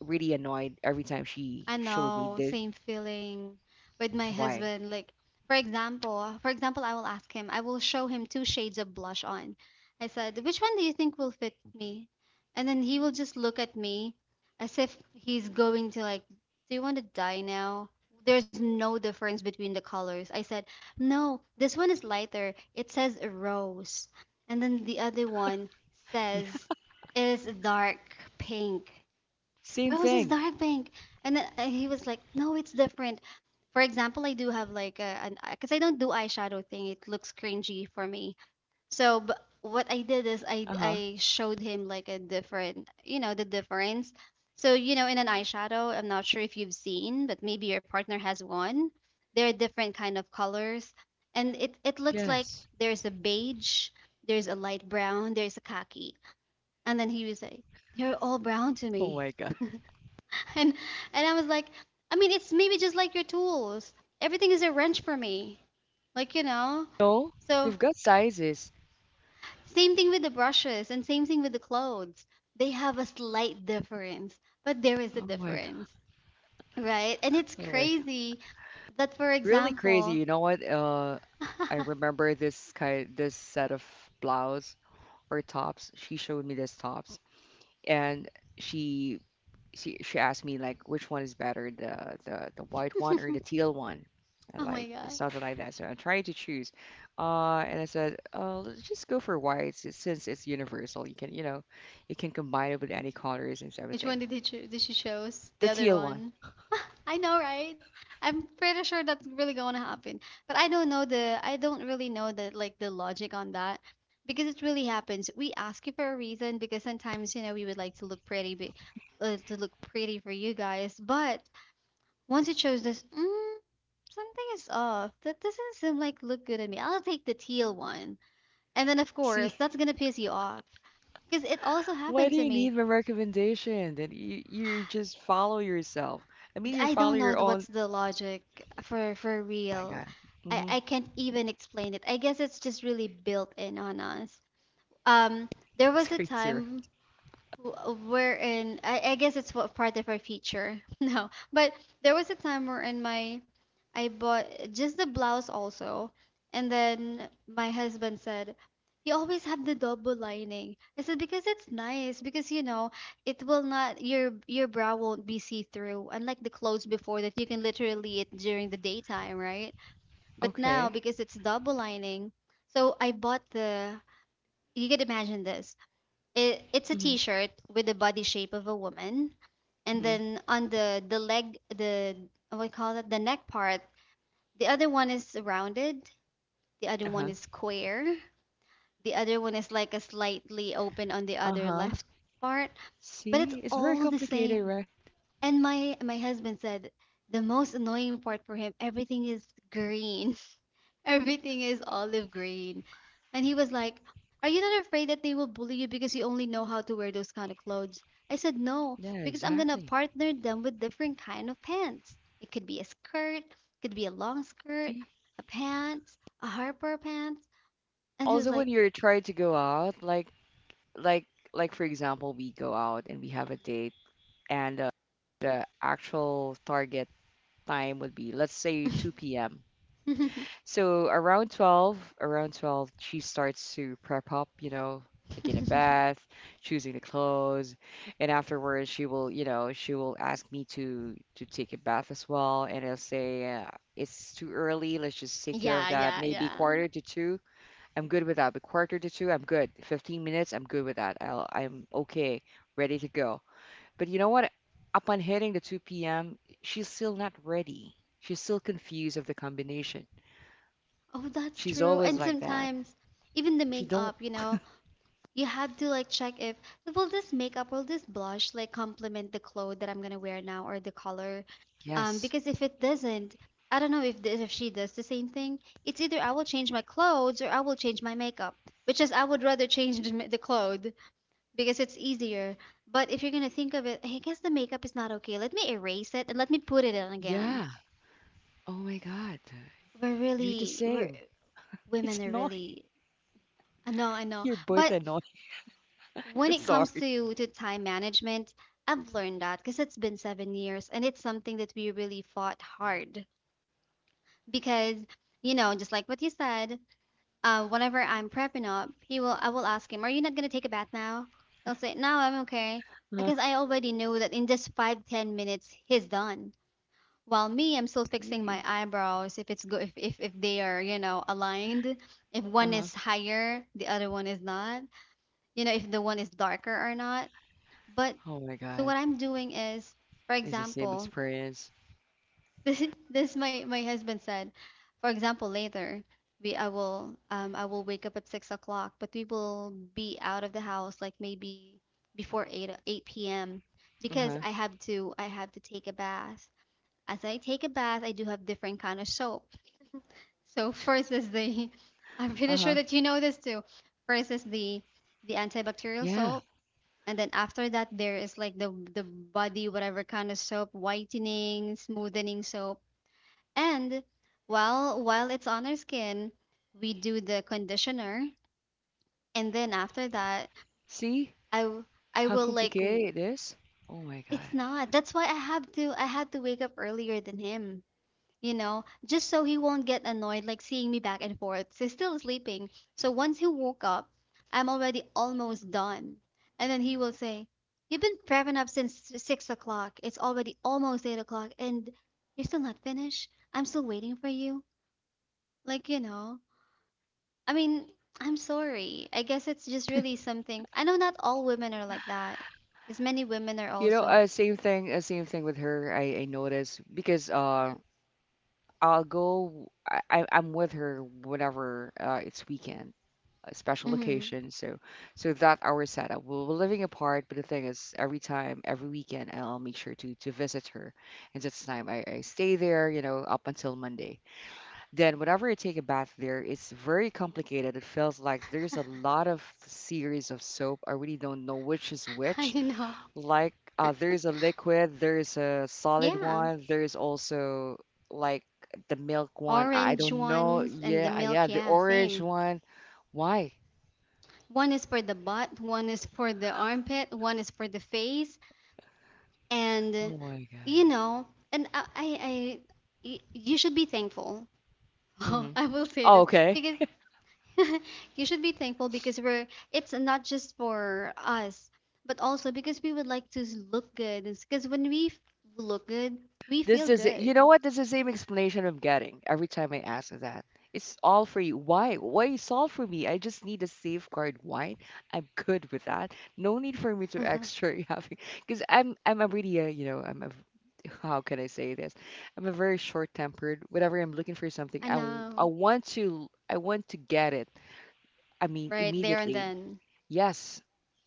really annoyed every time I she showed me know, this. same feeling with my Why? husband. Like, for example, I will ask him, I will show him two shades of blush on. I said, which one do you think will fit me? And then he will just look at me as if he's going to like, do you want to die now? There's no difference between the colors. I said, no, this one is lighter. It says rose. And then the other one says, Yeah, is dark pink. same I was, his thing. dark pink? And then he was like, "No, it's different." For example, I do have like a, an, because I don't do eyeshadow thing; it looks cringy for me. So, but what I did is I Uh huh. I showed him like a different, you know, the difference. So, you know, in an eyeshadow, I'm not sure if you've seen, but maybe your partner has one. There are different kind of colors, and it looks like Yes. there's a beige, there's a light brown, there's a khaki, and then he was like, "They're all brown to Oh me." my God. And and I was like, I mean, it's maybe just like your tools. Everything is a wrench for me. Like, you know. No, So, they've got sizes. same thing with the brushes and same thing with the clothes. They have a slight difference, but there is a Oh my God. difference, right? And it's Oh my God. crazy that, for Really crazy. example, You know what? I remember this kind, this set of blouse or tops. She showed me this tops. And she she asked me like which one is better, the white one or the teal one. oh And, my like, it's god. something like that, so I'm trying to choose. And I said, oh, let's just go for white, since it's universal, you can, you can combine it with any colors and Which everything. one did he cho-, did she chose? The The other teal one. one. I know, right? I'm pretty sure that's really gonna happen. But I don't know the, I don't really know the like the logic on that, because it really happens. We ask you for a reason because sometimes, you know, we would like to look pretty, but to look pretty for you guys, but once you chose this, mm, something is off. That doesn't seem like look good on me. I'll take the teal one. And then of See? course, that's gonna piss you off because it also Why happened do to you me. need my recommendation that you just follow yourself? I mean, you I follow don't know your own. what's the logic for Oh my real. God. I Mm-hmm. I can't even explain it. I guess it's just really built in on us. Um, there It's was a crazy. time w- wherein I guess it's what part of our future. No, but there was a time where in my, I bought just the blouse also, and then my husband said, "You always have the double lining." I said because it's nice because you know it will not, your your brow won't be see through, unlike the clothes before that you can literally it during the daytime, right? But now Okay. because it's double lining, so I bought the. You can imagine this. It, it's a Mm-hmm. t-shirt with the body shape of a woman, and Mm-hmm. then on the leg, the, what do you call it, the neck part. The other one is rounded. The other one Uh-huh. is square. The other one is like a slightly open on the other Uh-huh. left part, but it's See, it's very all the complicated, same. right? And my husband said the most annoying part for him, everything is green. Everything is olive green. And he was like, "Are you not afraid that they will bully you because you only know how to wear those kind of clothes?" I said, "No, Yeah, because I'm gonna exactly. partner them with different kind of pants. It could be a skirt, could be a long skirt, See, a pants, a harper pants." And he also was when like, you're trying to go out, like, like, like for example, we go out and we have a date, and the actual target time would be, let's say, 2 p.m. So around 12, she starts to prep up, taking a bath, choosing the clothes, and afterwards she will ask me to take a bath as well, and I'll say, it's too early, let's just take care of Yeah, that. yeah, Maybe yeah. quarter to two, I'm good with that. But quarter to two, I'm good. 15 minutes, I'm good with that. I'm okay, ready to go. But you know what? Upon hitting the 2 p.m., she's still not ready. She's still confused of the combination. Oh, that's She's true. And always like that. sometimes even the She don't. makeup, you had to like check if will this blush like complement the clothes that I'm gonna wear now or the color. Yes. Because if it doesn't, I don't know if she does the same thing. It's either I will change my clothes or I will change my makeup, which is I would rather change the clothes because it's easier. But if you're gonna think of it, I guess the makeup is not okay. Let me erase it and let me put it on again. Yeah. Oh my God. We're You're the really we're same. women It's are annoying. really... I know I know, You're both but annoying. when I'm it comes sorry. to time management, I've learned that because it's been 7 years and it's something that we really fought hard because you know just like what you said, whenever I'm prepping up, he will I will ask him, "Are you not gonna take a bath now?" He'll say, "No, I'm okay," Uh, because I already know that in just 5-10 minutes he's done. While me, I'm still fixing yeah. my eyebrows if it's good if they are you know aligned, if one Uh-huh. is higher, the other one is not, you know if the one is darker or not, but Oh my so God. what I'm doing is, for It's the same example, experience. this this my husband said, for example, later we I will wake up at 6 o'clock, but we will be out of the house like maybe before eight p.m. because Uh-huh. I have to take a bath. As I take a bath, I do have different kind of soap. So first is the I'm pretty sure Uh-huh. that you know this too. First is the antibacterial Yeah. soap. And then after that, there is like the body, whatever kind of soap, whitening, smoothening soap. And while it's on our skin, we do the conditioner. And then after that, See I w- I how will like w- complicated it is? Oh my God. it's not. That's why I had to wake up earlier than him, you know, just so he won't get annoyed like seeing me back and forth. So he's still sleeping. So once he woke up, I'm already almost done. And then he will say, "You've been prepping up since 6 o'clock. It's already almost 8 o'clock and you're still not finished. I'm still waiting for you." Like, you know, I mean, I'm sorry. I guess it's just really something. I know not all women are like that because many women are You know, also. Same thing with her. I notice because I'll go. I'm with her whenever it's weekend. A special Mm-hmm. location. So, that our setup. We were living apart, but the thing is, every time, every weekend, I'll make sure to visit her. And so this time, I stay there, up until Monday. Then, whenever I take a bath there, it's very complicated. It feels like there's a lot of series of soap. I really don't know which is I which. know. Like, there's a liquid, there's a solid Yeah. one, there's also like the milk one. I Orange don't know. ones and the Yeah, yeah, milk, the yeah, orange same. one. Why? One is for the butt, one is for the armpit, one is for the face, and Oh my you God. know, and I, I, I you should be thankful. Hmm. I will say Oh, this okay. because you should be thankful because we're it's not just for us, but also because we would like to look good. Because when we look good, we This feel is, you know good. what? This is the same explanation I'm getting every time I ask that. It's all for you. Why? Why it's all for me? I just need a safeguard wine. I'm good with that. No need for me to extra having, because I'm a really I'm a, how can I say this? I'm a very short-tempered. Whenever I'm looking for something, I I know, want to I want to get it. I mean right there and immediately. then. Yes,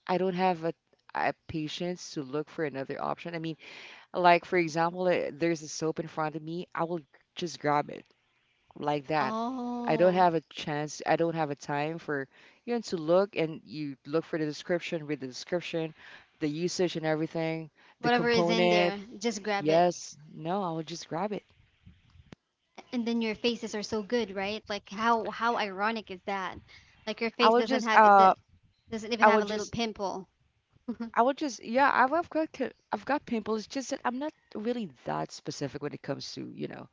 I don't have a patience to look for another option. I mean. Like, for example, there's a soap in front of me, I will just grab it like that. I don't Oh. have a chance, I don't have a time for, to look, and you look for the description, read the description, the usage and everything, the Whatever is in component. there, just grab it. Yes, no, I will just grab it. And then your faces are so good, right? Like how ironic is that? Like your I face will doesn't just, have it d- uh, doesn't even I will have a little just, pimple. I will just, yeah, I've got, I've got pimples. It's just that I'm not really that specific when it comes to,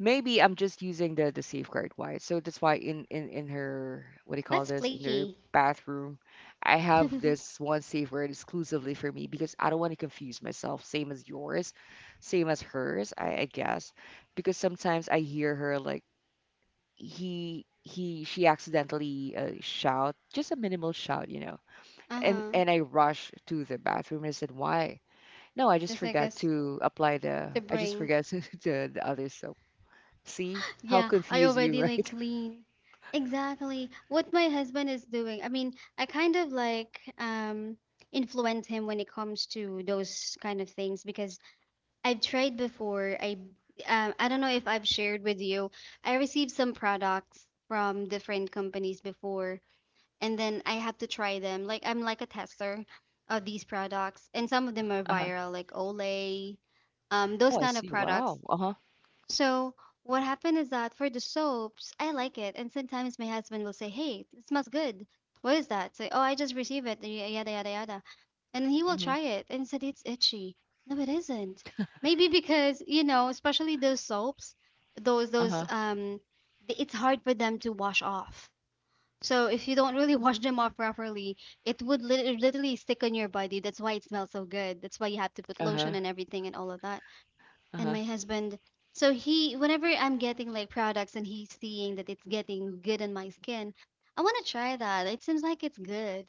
maybe I'm just using the safeguard wire. So that's why in her, what do you call That's this, in her flaky. bathroom, I have this one safeguard exclusively for me because I don't want to confuse myself. Same as yours, same as hers, I guess. Because sometimes I hear her, like, he she accidentally shout just a minimal shout, And Uh-huh. and I rush to the bathroom and I said, why? No, I just Just like forgot us to apply the to I just bring. forgot to, the other soap. See how Yeah, I confused you, already right? like clean. Exactly. What my husband is doing. I mean, I kind of like influence him when it comes to those kind of things because I've tried before. I don't know if I've shared with you. I received some products from different companies before, and then I have to try them. Like I'm like a tester of these products, and some of them are Uh-huh. viral, like Olay, those Oh, I kind of see. products. Wow. Uh-huh. So what happened is that for the soaps, I like it, and sometimes my husband will say, "Hey, it smells good. What is that?" Say, "Oh, I just received it." Yada yada yada, and he will Mm-hmm. try it and said it's itchy. No, it isn't. Maybe because, you know, especially those soaps, those those Uh-huh. um it's hard for them to wash off. So if you don't really wash them off properly, it would literally stick on your body. That's why it smells so good. That's why you have to put Uh-huh. lotion and everything and all of that. And Uh-huh. my husband, so he whenever I'm getting like products and he's seeing that it's getting good on my skin, "I want to try that. It seems like it's good."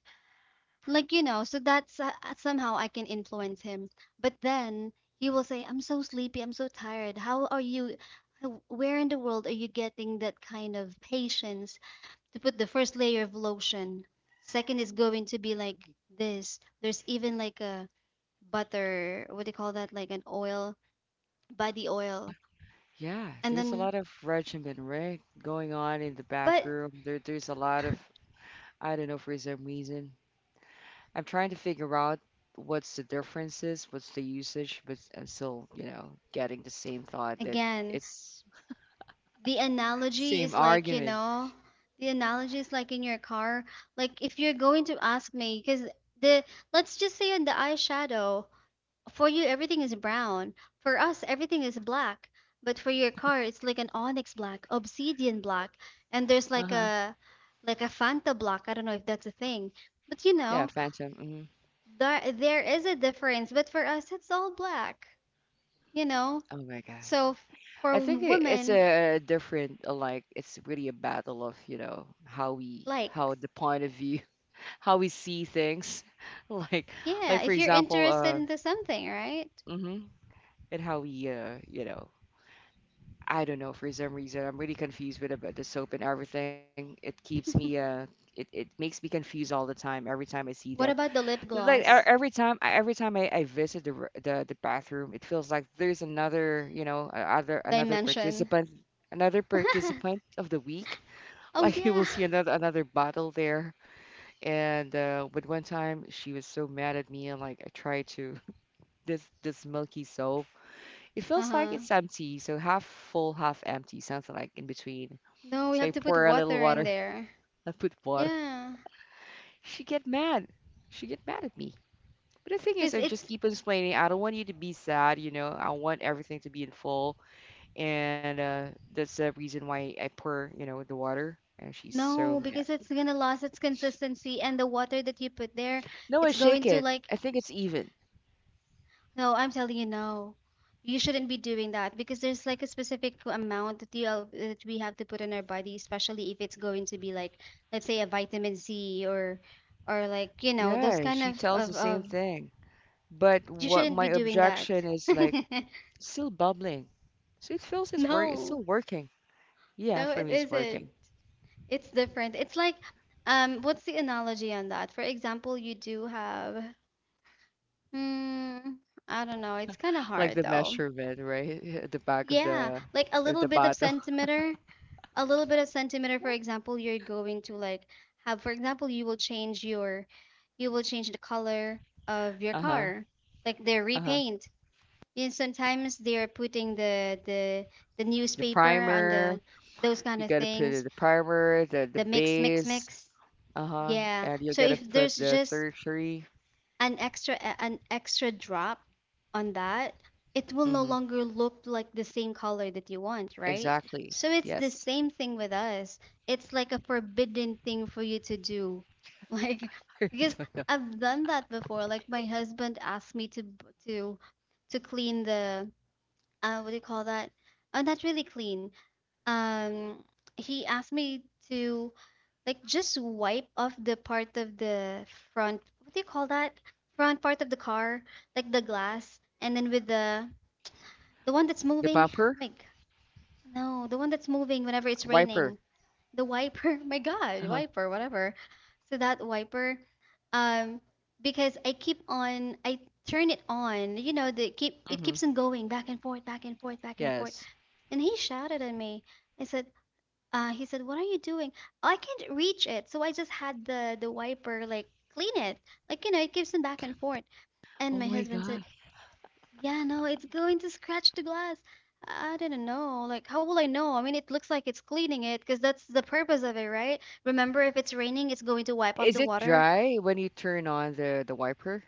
Like, you know, so that's somehow I can influence him. But then he will say, "I'm so sleepy, I'm so tired. How are you?" Where in the world are you getting that kind of patience to put the first layer of lotion? Second is going to be like this. There's even like a butter, what do you call that? Like an oil, body oil. Yeah, And there's a then, lot of regimen, right? Going on in the but bathroom. There's a lot of, I don't know, for some reason. I'm trying to figure out what's the differences, what's the usage, but I'm still, getting the same thought that again, it's the analogy same is like you argument. know the analogy is like in your car, like, if you're going to ask me, because the let's just say, on the eyeshadow, for you everything is brown, for us everything is black, but for your car it's like an onyx black, obsidian black, and there's like Uh-huh. a like a fanta black, I don't know if that's a thing, but you Yeah, know, phantom. Hmm. there is a difference, but for us it's all black, you know, Oh my God. so for I think it's women a different, like it's really a battle of, how we, how likes. the point of view, how we see things. Like, Yeah, for if you're example, interested into something, right? hmm, and how we, I don't know, for some reason, I'm really confused with about the soap and everything. It keeps me, it makes me confused all the time every time I see them. What about the lip Like gloss every time, every time I visit the, the bathroom, it feels like there's another, a- other dimension? Another participant of the week. Oh Like you will yeah. see another bottle there. And but one time she was so mad at me, and like I tried to this milky soap. It feels like Uh-huh. it's empty, so half full, half empty, something like in between. No, we So have I to put pour a little water in water. there. I put water. Yeah. She get mad. She get mad at me. But the thing is, Cuz I just it's keep explaining. I don't want you to be sad, I want everything to be in full, and that's the reason why I pour, the water. And she's so No, mad. because it's going to lose its consistency and the water that you put there, No, I it's going shake to it. like... I think it's even. No, I'm telling you, no. You shouldn't be doing that because there's like a specific amount that you that we have to put in our body, especially if it's going to be like, let's say, a vitamin C, or like, those Yeah, kind she of tells the of, same of thing. But you what shouldn't my be doing that. objection is like still bubbling, so it feels it's work. It's still No, working. Yeah, no, for it me, it's isn't. working. It's different. It's like, what's the analogy on that? For example, you do have, Hmm. I don't know. It's kind of Like hard the though. measurement, right? At the back Yeah, like a of little the bit of bottle. centimeter. A little bit of centimeter, for example, you're going to like have, for example, you will change the color of your Uh-huh. car, like they Uh-huh. repaint, and sometimes they are putting the The newspaper on primer, the those kind You of gotta put things, in the primer, the the mix, mix, base, mix, uh-huh, yeah, and you so gotta if put there's the just tertiary. an extra an extra drop on that, it will no Mm-hmm. longer look like the same color that you want, right? Exactly. So it's the Yes. same thing with us. It's like a forbidden thing for you to do. Like, I because don't know. I've done that before. Like my husband asked me to to clean the what do you call that? Not really clean. Um he asked me to, like, just wipe off the part of the front, what do you call that, front part of the car, like the glass, and then with the one that's The moving, oh bumper, my god, no, the one that's moving whenever it's wiper. raining, the wiper. My god, Uh-huh. wiper, whatever. So that wiper, um because I turn it on, you know, the keep, it Mm-hmm. keeps on going back and forth, back and forth, back and forth, Yes. and he shouted at me. I said uh, he said, "What are you doing?" "Oh, I can't reach it." So I just had the wiper like clean it. Like, you know, it gives them back and forth. Oh And my my husband said, God. "Yeah, no, it's going to scratch the glass." I didn't know. Like, how will I know? I mean, it looks like it's cleaning it because that's the purpose of it, right? Remember, if it's raining, it's going to wipe off Is the it water. dry when you turn on the wiper?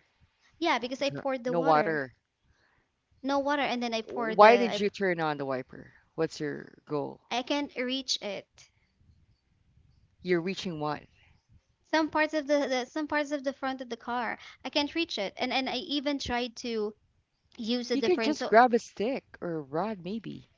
Yeah, because I Dry. poured the No water. water. No water, and then I poured Why the did you turn on the wiper? What's your goal? I can't reach it. You're reaching what? Some parts of the some parts of the front of the car, I can't reach it. And I even tried to use a You can different just so. grab a stick or a rod, maybe.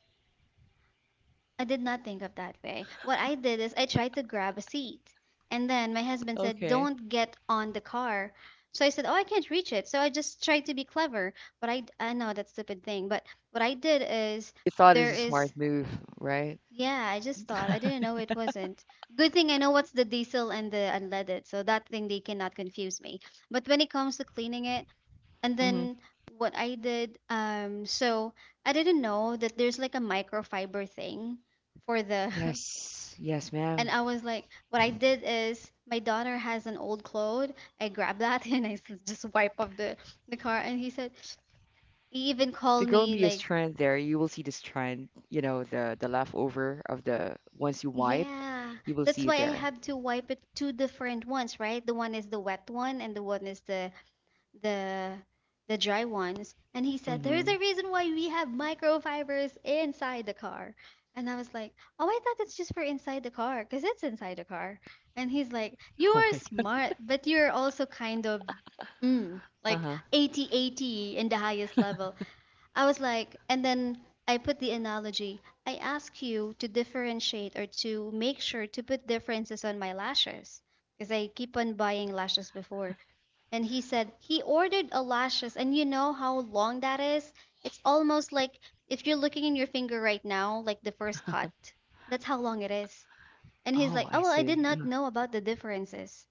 I did not think of that way. What I did is I tried to grab a seat, and then my husband said, Okay. "Don't get on the car." So I said, "Oh, I can't reach it." So I just tried to be clever, but I know that stupid thing. But what I did is You thought there it's a smart is, move, right? yeah, I just thought. I didn't know it wasn't. Good thing I know what's the diesel and the unleaded, so that thing they cannot confuse me. But when it comes to cleaning it, and then what I did, so I didn't know that there's like a microfiber thing for the, Yes, yes, and ma'am. I was like, what I did is my daughter has an old clothes. I grabbed that and I just wipe off the car. And he said, he even The called going me be a like, trend there. You will see this trend, the leftover of the once you wipe, yeah, you will that's see why I there. have to wipe it two different ones, right? The one is the wet one and the one is the the the dry ones. And he said there's Mm-hmm. a reason why we have microfibers inside the car. And I was like, oh, I thought it's just for inside the car because it's inside the car. And he's like, you Oh are my smart, but you're also kind of, God. like Uh-huh. 80 80 in the highest level. I was like, and then I put the analogy. I ask you to differentiate or to make sure to put differences on my lashes because I keep on buying lashes before. And he said he ordered eyelashes, and you know how long that is? It's almost like if you're looking in your finger right now, like the first cut. That's how long it is. And he's like, Oh, I "Oh, well, I did see. not Uh-huh. know about the differences."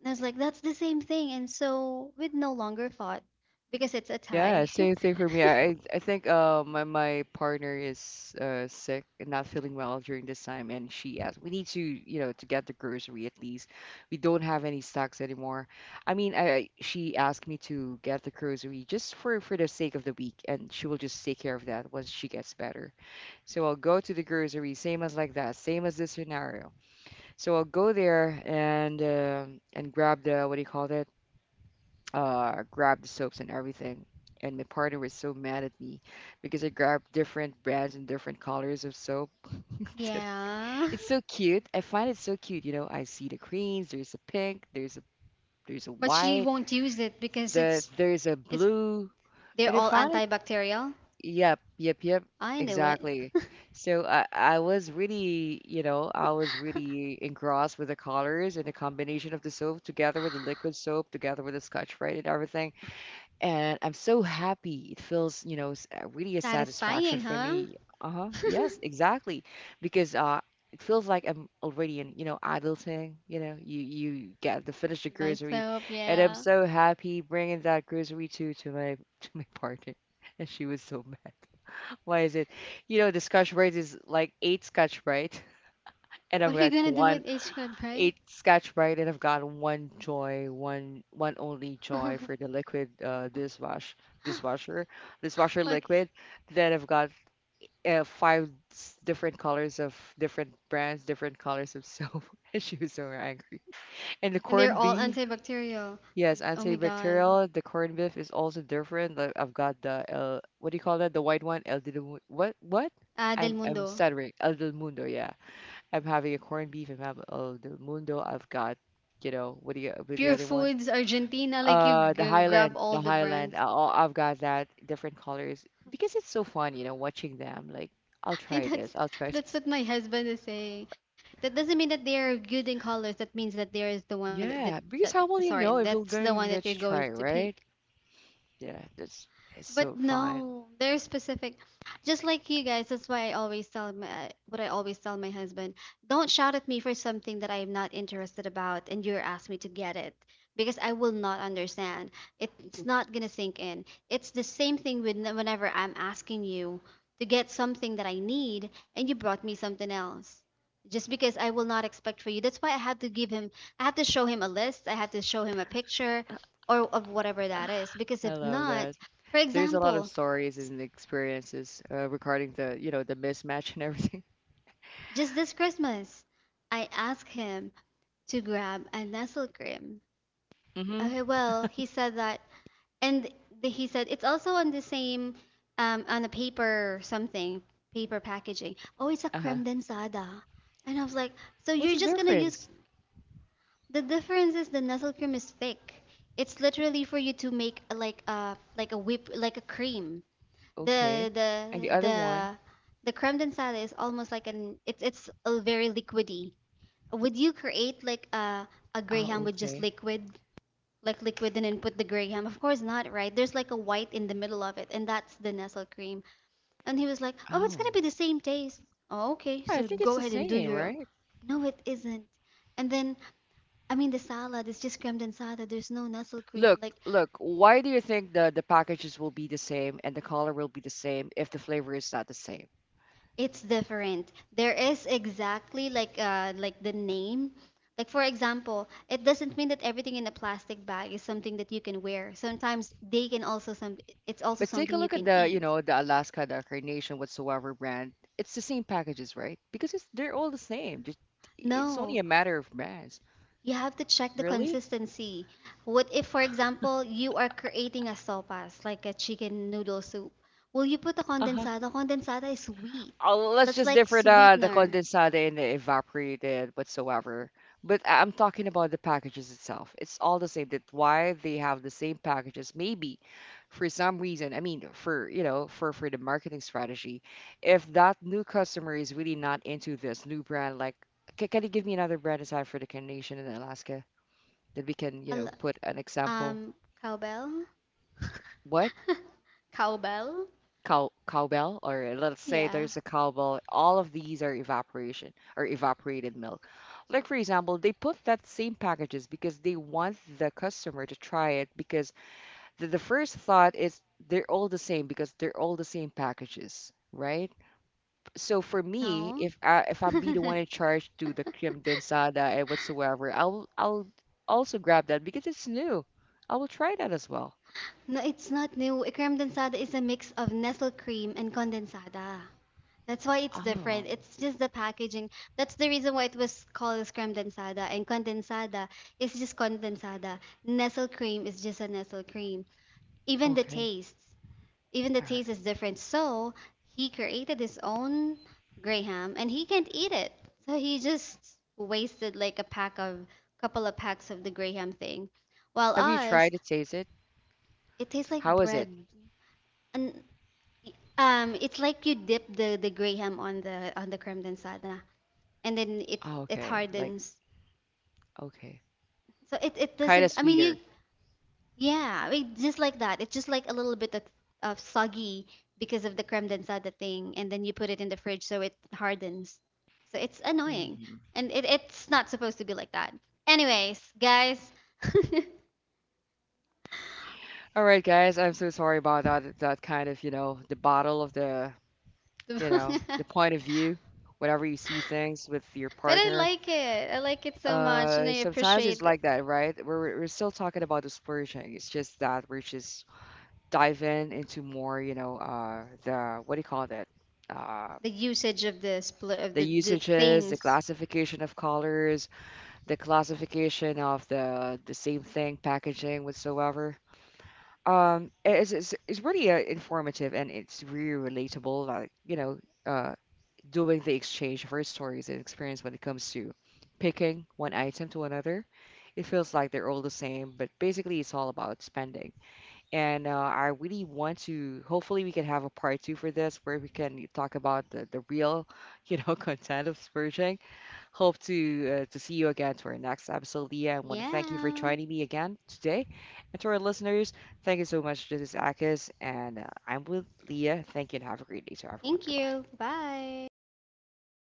And I was like, "That's the same thing." And so we'd no longer fought because it's a Yeah, tie. same thing for me. I think my partner is sick and not feeling well during this time, and she asked, we need to, to get the grocery at least. We don't have any stocks anymore. I mean, she asked me to get the grocery just for the sake of the week, and she will just take care of that once she gets better. So I'll go to the grocery, same as like that, same as this scenario. So I'll go there and and grab the what do you call that? Grabbed the soaps and everything. And my partner was so mad at me because I grabbed different brands and different colors of soap. Yeah. It's so cute. I find it so cute. You know, I see the greens, there's a pink, there's a But she white, won't use it because the it's there's a it's blue, they're and I all find it. antibacterial. Yep, yep, yep. I knew it. Exactly. So I was really, you know, I was really engrossed with the colors and the combination of the soap together with the liquid soap, together with the Scotch Brite and everything. And I'm so happy. It feels, you know, really a satisfaction Satisfying, for huh? me. Uh-huh. Yes, exactly. Because it feels like I'm already in, you know, adulting, you know, you get to finish the By grocery soap, and I'm yeah. so happy bringing that grocery to my to my partner. And she was so mad. Why is it? You know, the scotch brite is like eight scotch brite and I've What are you got gonna do one with H cod, right? eight Scotch Brite, and I've got one Joy, one only Joy for the liquid dishwasher dishwasher Like, liquid. Then I've got different colors of different brands, different colors of soap. And she was so angry. And the and they're corned all beef, antibacterial. yes, Oh my god. antibacterial. The corned beef is also different. Like I've got the El, what do you call that? The white one, El Del Mu- What what? Ah, Del I'm Mundo. stuttering. El del Mundo, yeah. I'm having a corned beef. I'm having the mundo. I've got, you know, what do you with the Pure other one? Foods, Argentina, like you g- grab all The the Highland. brands. Oh, I've got that different colors because it's so fun, you know, watching them. Like, I'll Hey, try this. that's I'll try that's this. what my husband is saying. That doesn't mean that they are good in colors. That means that there is the one Yeah, that, because how will sorry, you know that's if you're the one that going you're to going to try, pick. right? Yeah, that's it's But so fun. no, they're specific. Just like you guys, that's why I always tell my, what I always tell my husband, don't shout at me for something that I am not interested about and you're asking me to get it because I will not understand. It's not going to sink in. It's the same thing with whenever I'm asking you to get something that I need and you brought me something else. Just because I will not expect for you. That's why I had to give him, I had to show him a list, I had to show him a picture or of whatever that is because I if love not, that. for There's a lot of example, stories s- and experiences regarding the, you know, the mismatch and everything. just this Christmas, I asked him to grab a Nestle cream. Mm-hmm. Okay, well, he said that, and he said it's also on the same, on a paper something, paper packaging. Oh, it's a Uh-huh. creme densada. And I was like, so What's you're the just gonna use. difference? The difference is the Nestle cream is thick. It's literally for you to make like a whip, like a cream. The Okay. And the the other one? the the creme densada is almost like an it's a very liquidy. Would you create like a graham Oh, with just okay. liquid, like liquid, and then put the graham? Of course not, right? There's like a white in the middle of it, and that's the Nestle cream. And he was like, "Oh, it's gonna Oh. be the same taste." Oh, okay, I so think it's go the ahead and do same, your. right? No, it isn't. And then, I mean, the salad is just creme densada. There's no Nestle cream. Look, Like, look, why do you think the packages will be the same and the color will be the same if the flavor is not the same? it's different. There is exactly like the name. Like, for example, it doesn't mean that everything in a plastic bag is something that you can wear. Sometimes they can also some, it's also But take a something you look at can the, you eat. know, the Alaska, the Carnation, whatsoever brand. It's the same packages, right? Because it's they're all the same. Just, it's only No, a matter of brands. you have to check the Really? consistency. What if, for example, you are creating a sopas, like a chicken noodle soup? Will you put a Uh huh. condensada? Condensada is sweet. Let's That's just like differ the sweetener. condensate and the evaporated whatsoever. I'm talking about the packages itself. It's all the same. That why they have the same packages. Maybe for some reason. I mean, for you know, for the marketing strategy, if that new customer is really not into this new brand, like, can you give me another brand aside for the Carnation in Alaska that we can you Al- know put an example? Um, cowbell? What? Cowbell? Cowbell or let's say Yeah. there's a cowbell, all of these are evaporation or evaporated milk, like for example they put that same packages because they want the customer to try it because the first thought is they're all the same because they're all the same packages right. So for me, No. If I'm be the No, one in charge to the creme densada and whatsoever, I'll also grab that because it's new, I will try that as well. it's not new. Creme densada is a mix of Nestle cream and condensada. That's why it's Oh, different. It's just the packaging. That's the reason why it was called as creme densada. And condensada is just condensada. Nestle cream is just a Nestle cream. Even the okay. tastes, even the All right. taste is different. So he created his own graham, and he can't eat it. So he just wasted like a pack of couple of packs of the graham thing. While Have you tried us, to taste it? it tastes like How is it? bread. And it's like you dip the graham on the creme densada and then it Oh, it okay. Like, hardens. okay. So it Kind of doesn't, I mean, sweeter. you, yeah, I mean, just like that. It's just like a little bit of soggy because of the creme densada thing, and then you put it in the fridge so it hardens. So it's annoying. Hmm. And it's not supposed to be like that. Anyways, guys, but All right, guys. I'm so sorry about that. That kind of, you know, the bottle of the, you know, the point of view, whenever you see things with your I partner. like it. I like it so much, and I Sometimes it's appreciate like that, right? We're still talking about the splurging. It's just that we're just diving into more, you know, the what do you call that? Uh, the usage of the split of the the usages, the things. classification of colors, the classification of the same thing, packaging, whatsoever. It's really informative and it's really relatable. Like you know, uh, doing the exchange of our stories and experience when it comes to picking one item to another. It feels like they're all the same, but basically it's all about spending. And I really want to. Hopefully, we can have a part two for this where we can talk about the real, you know, content of splurging. Hope to see you again to our next episode, Leah. I want to thank you for Yeah. joining me again today. And to our listeners, thank you so much. This is Akis, and I'm with Leah. Thank you, and have a great day to everyone. Thank Goodbye. you. Bye.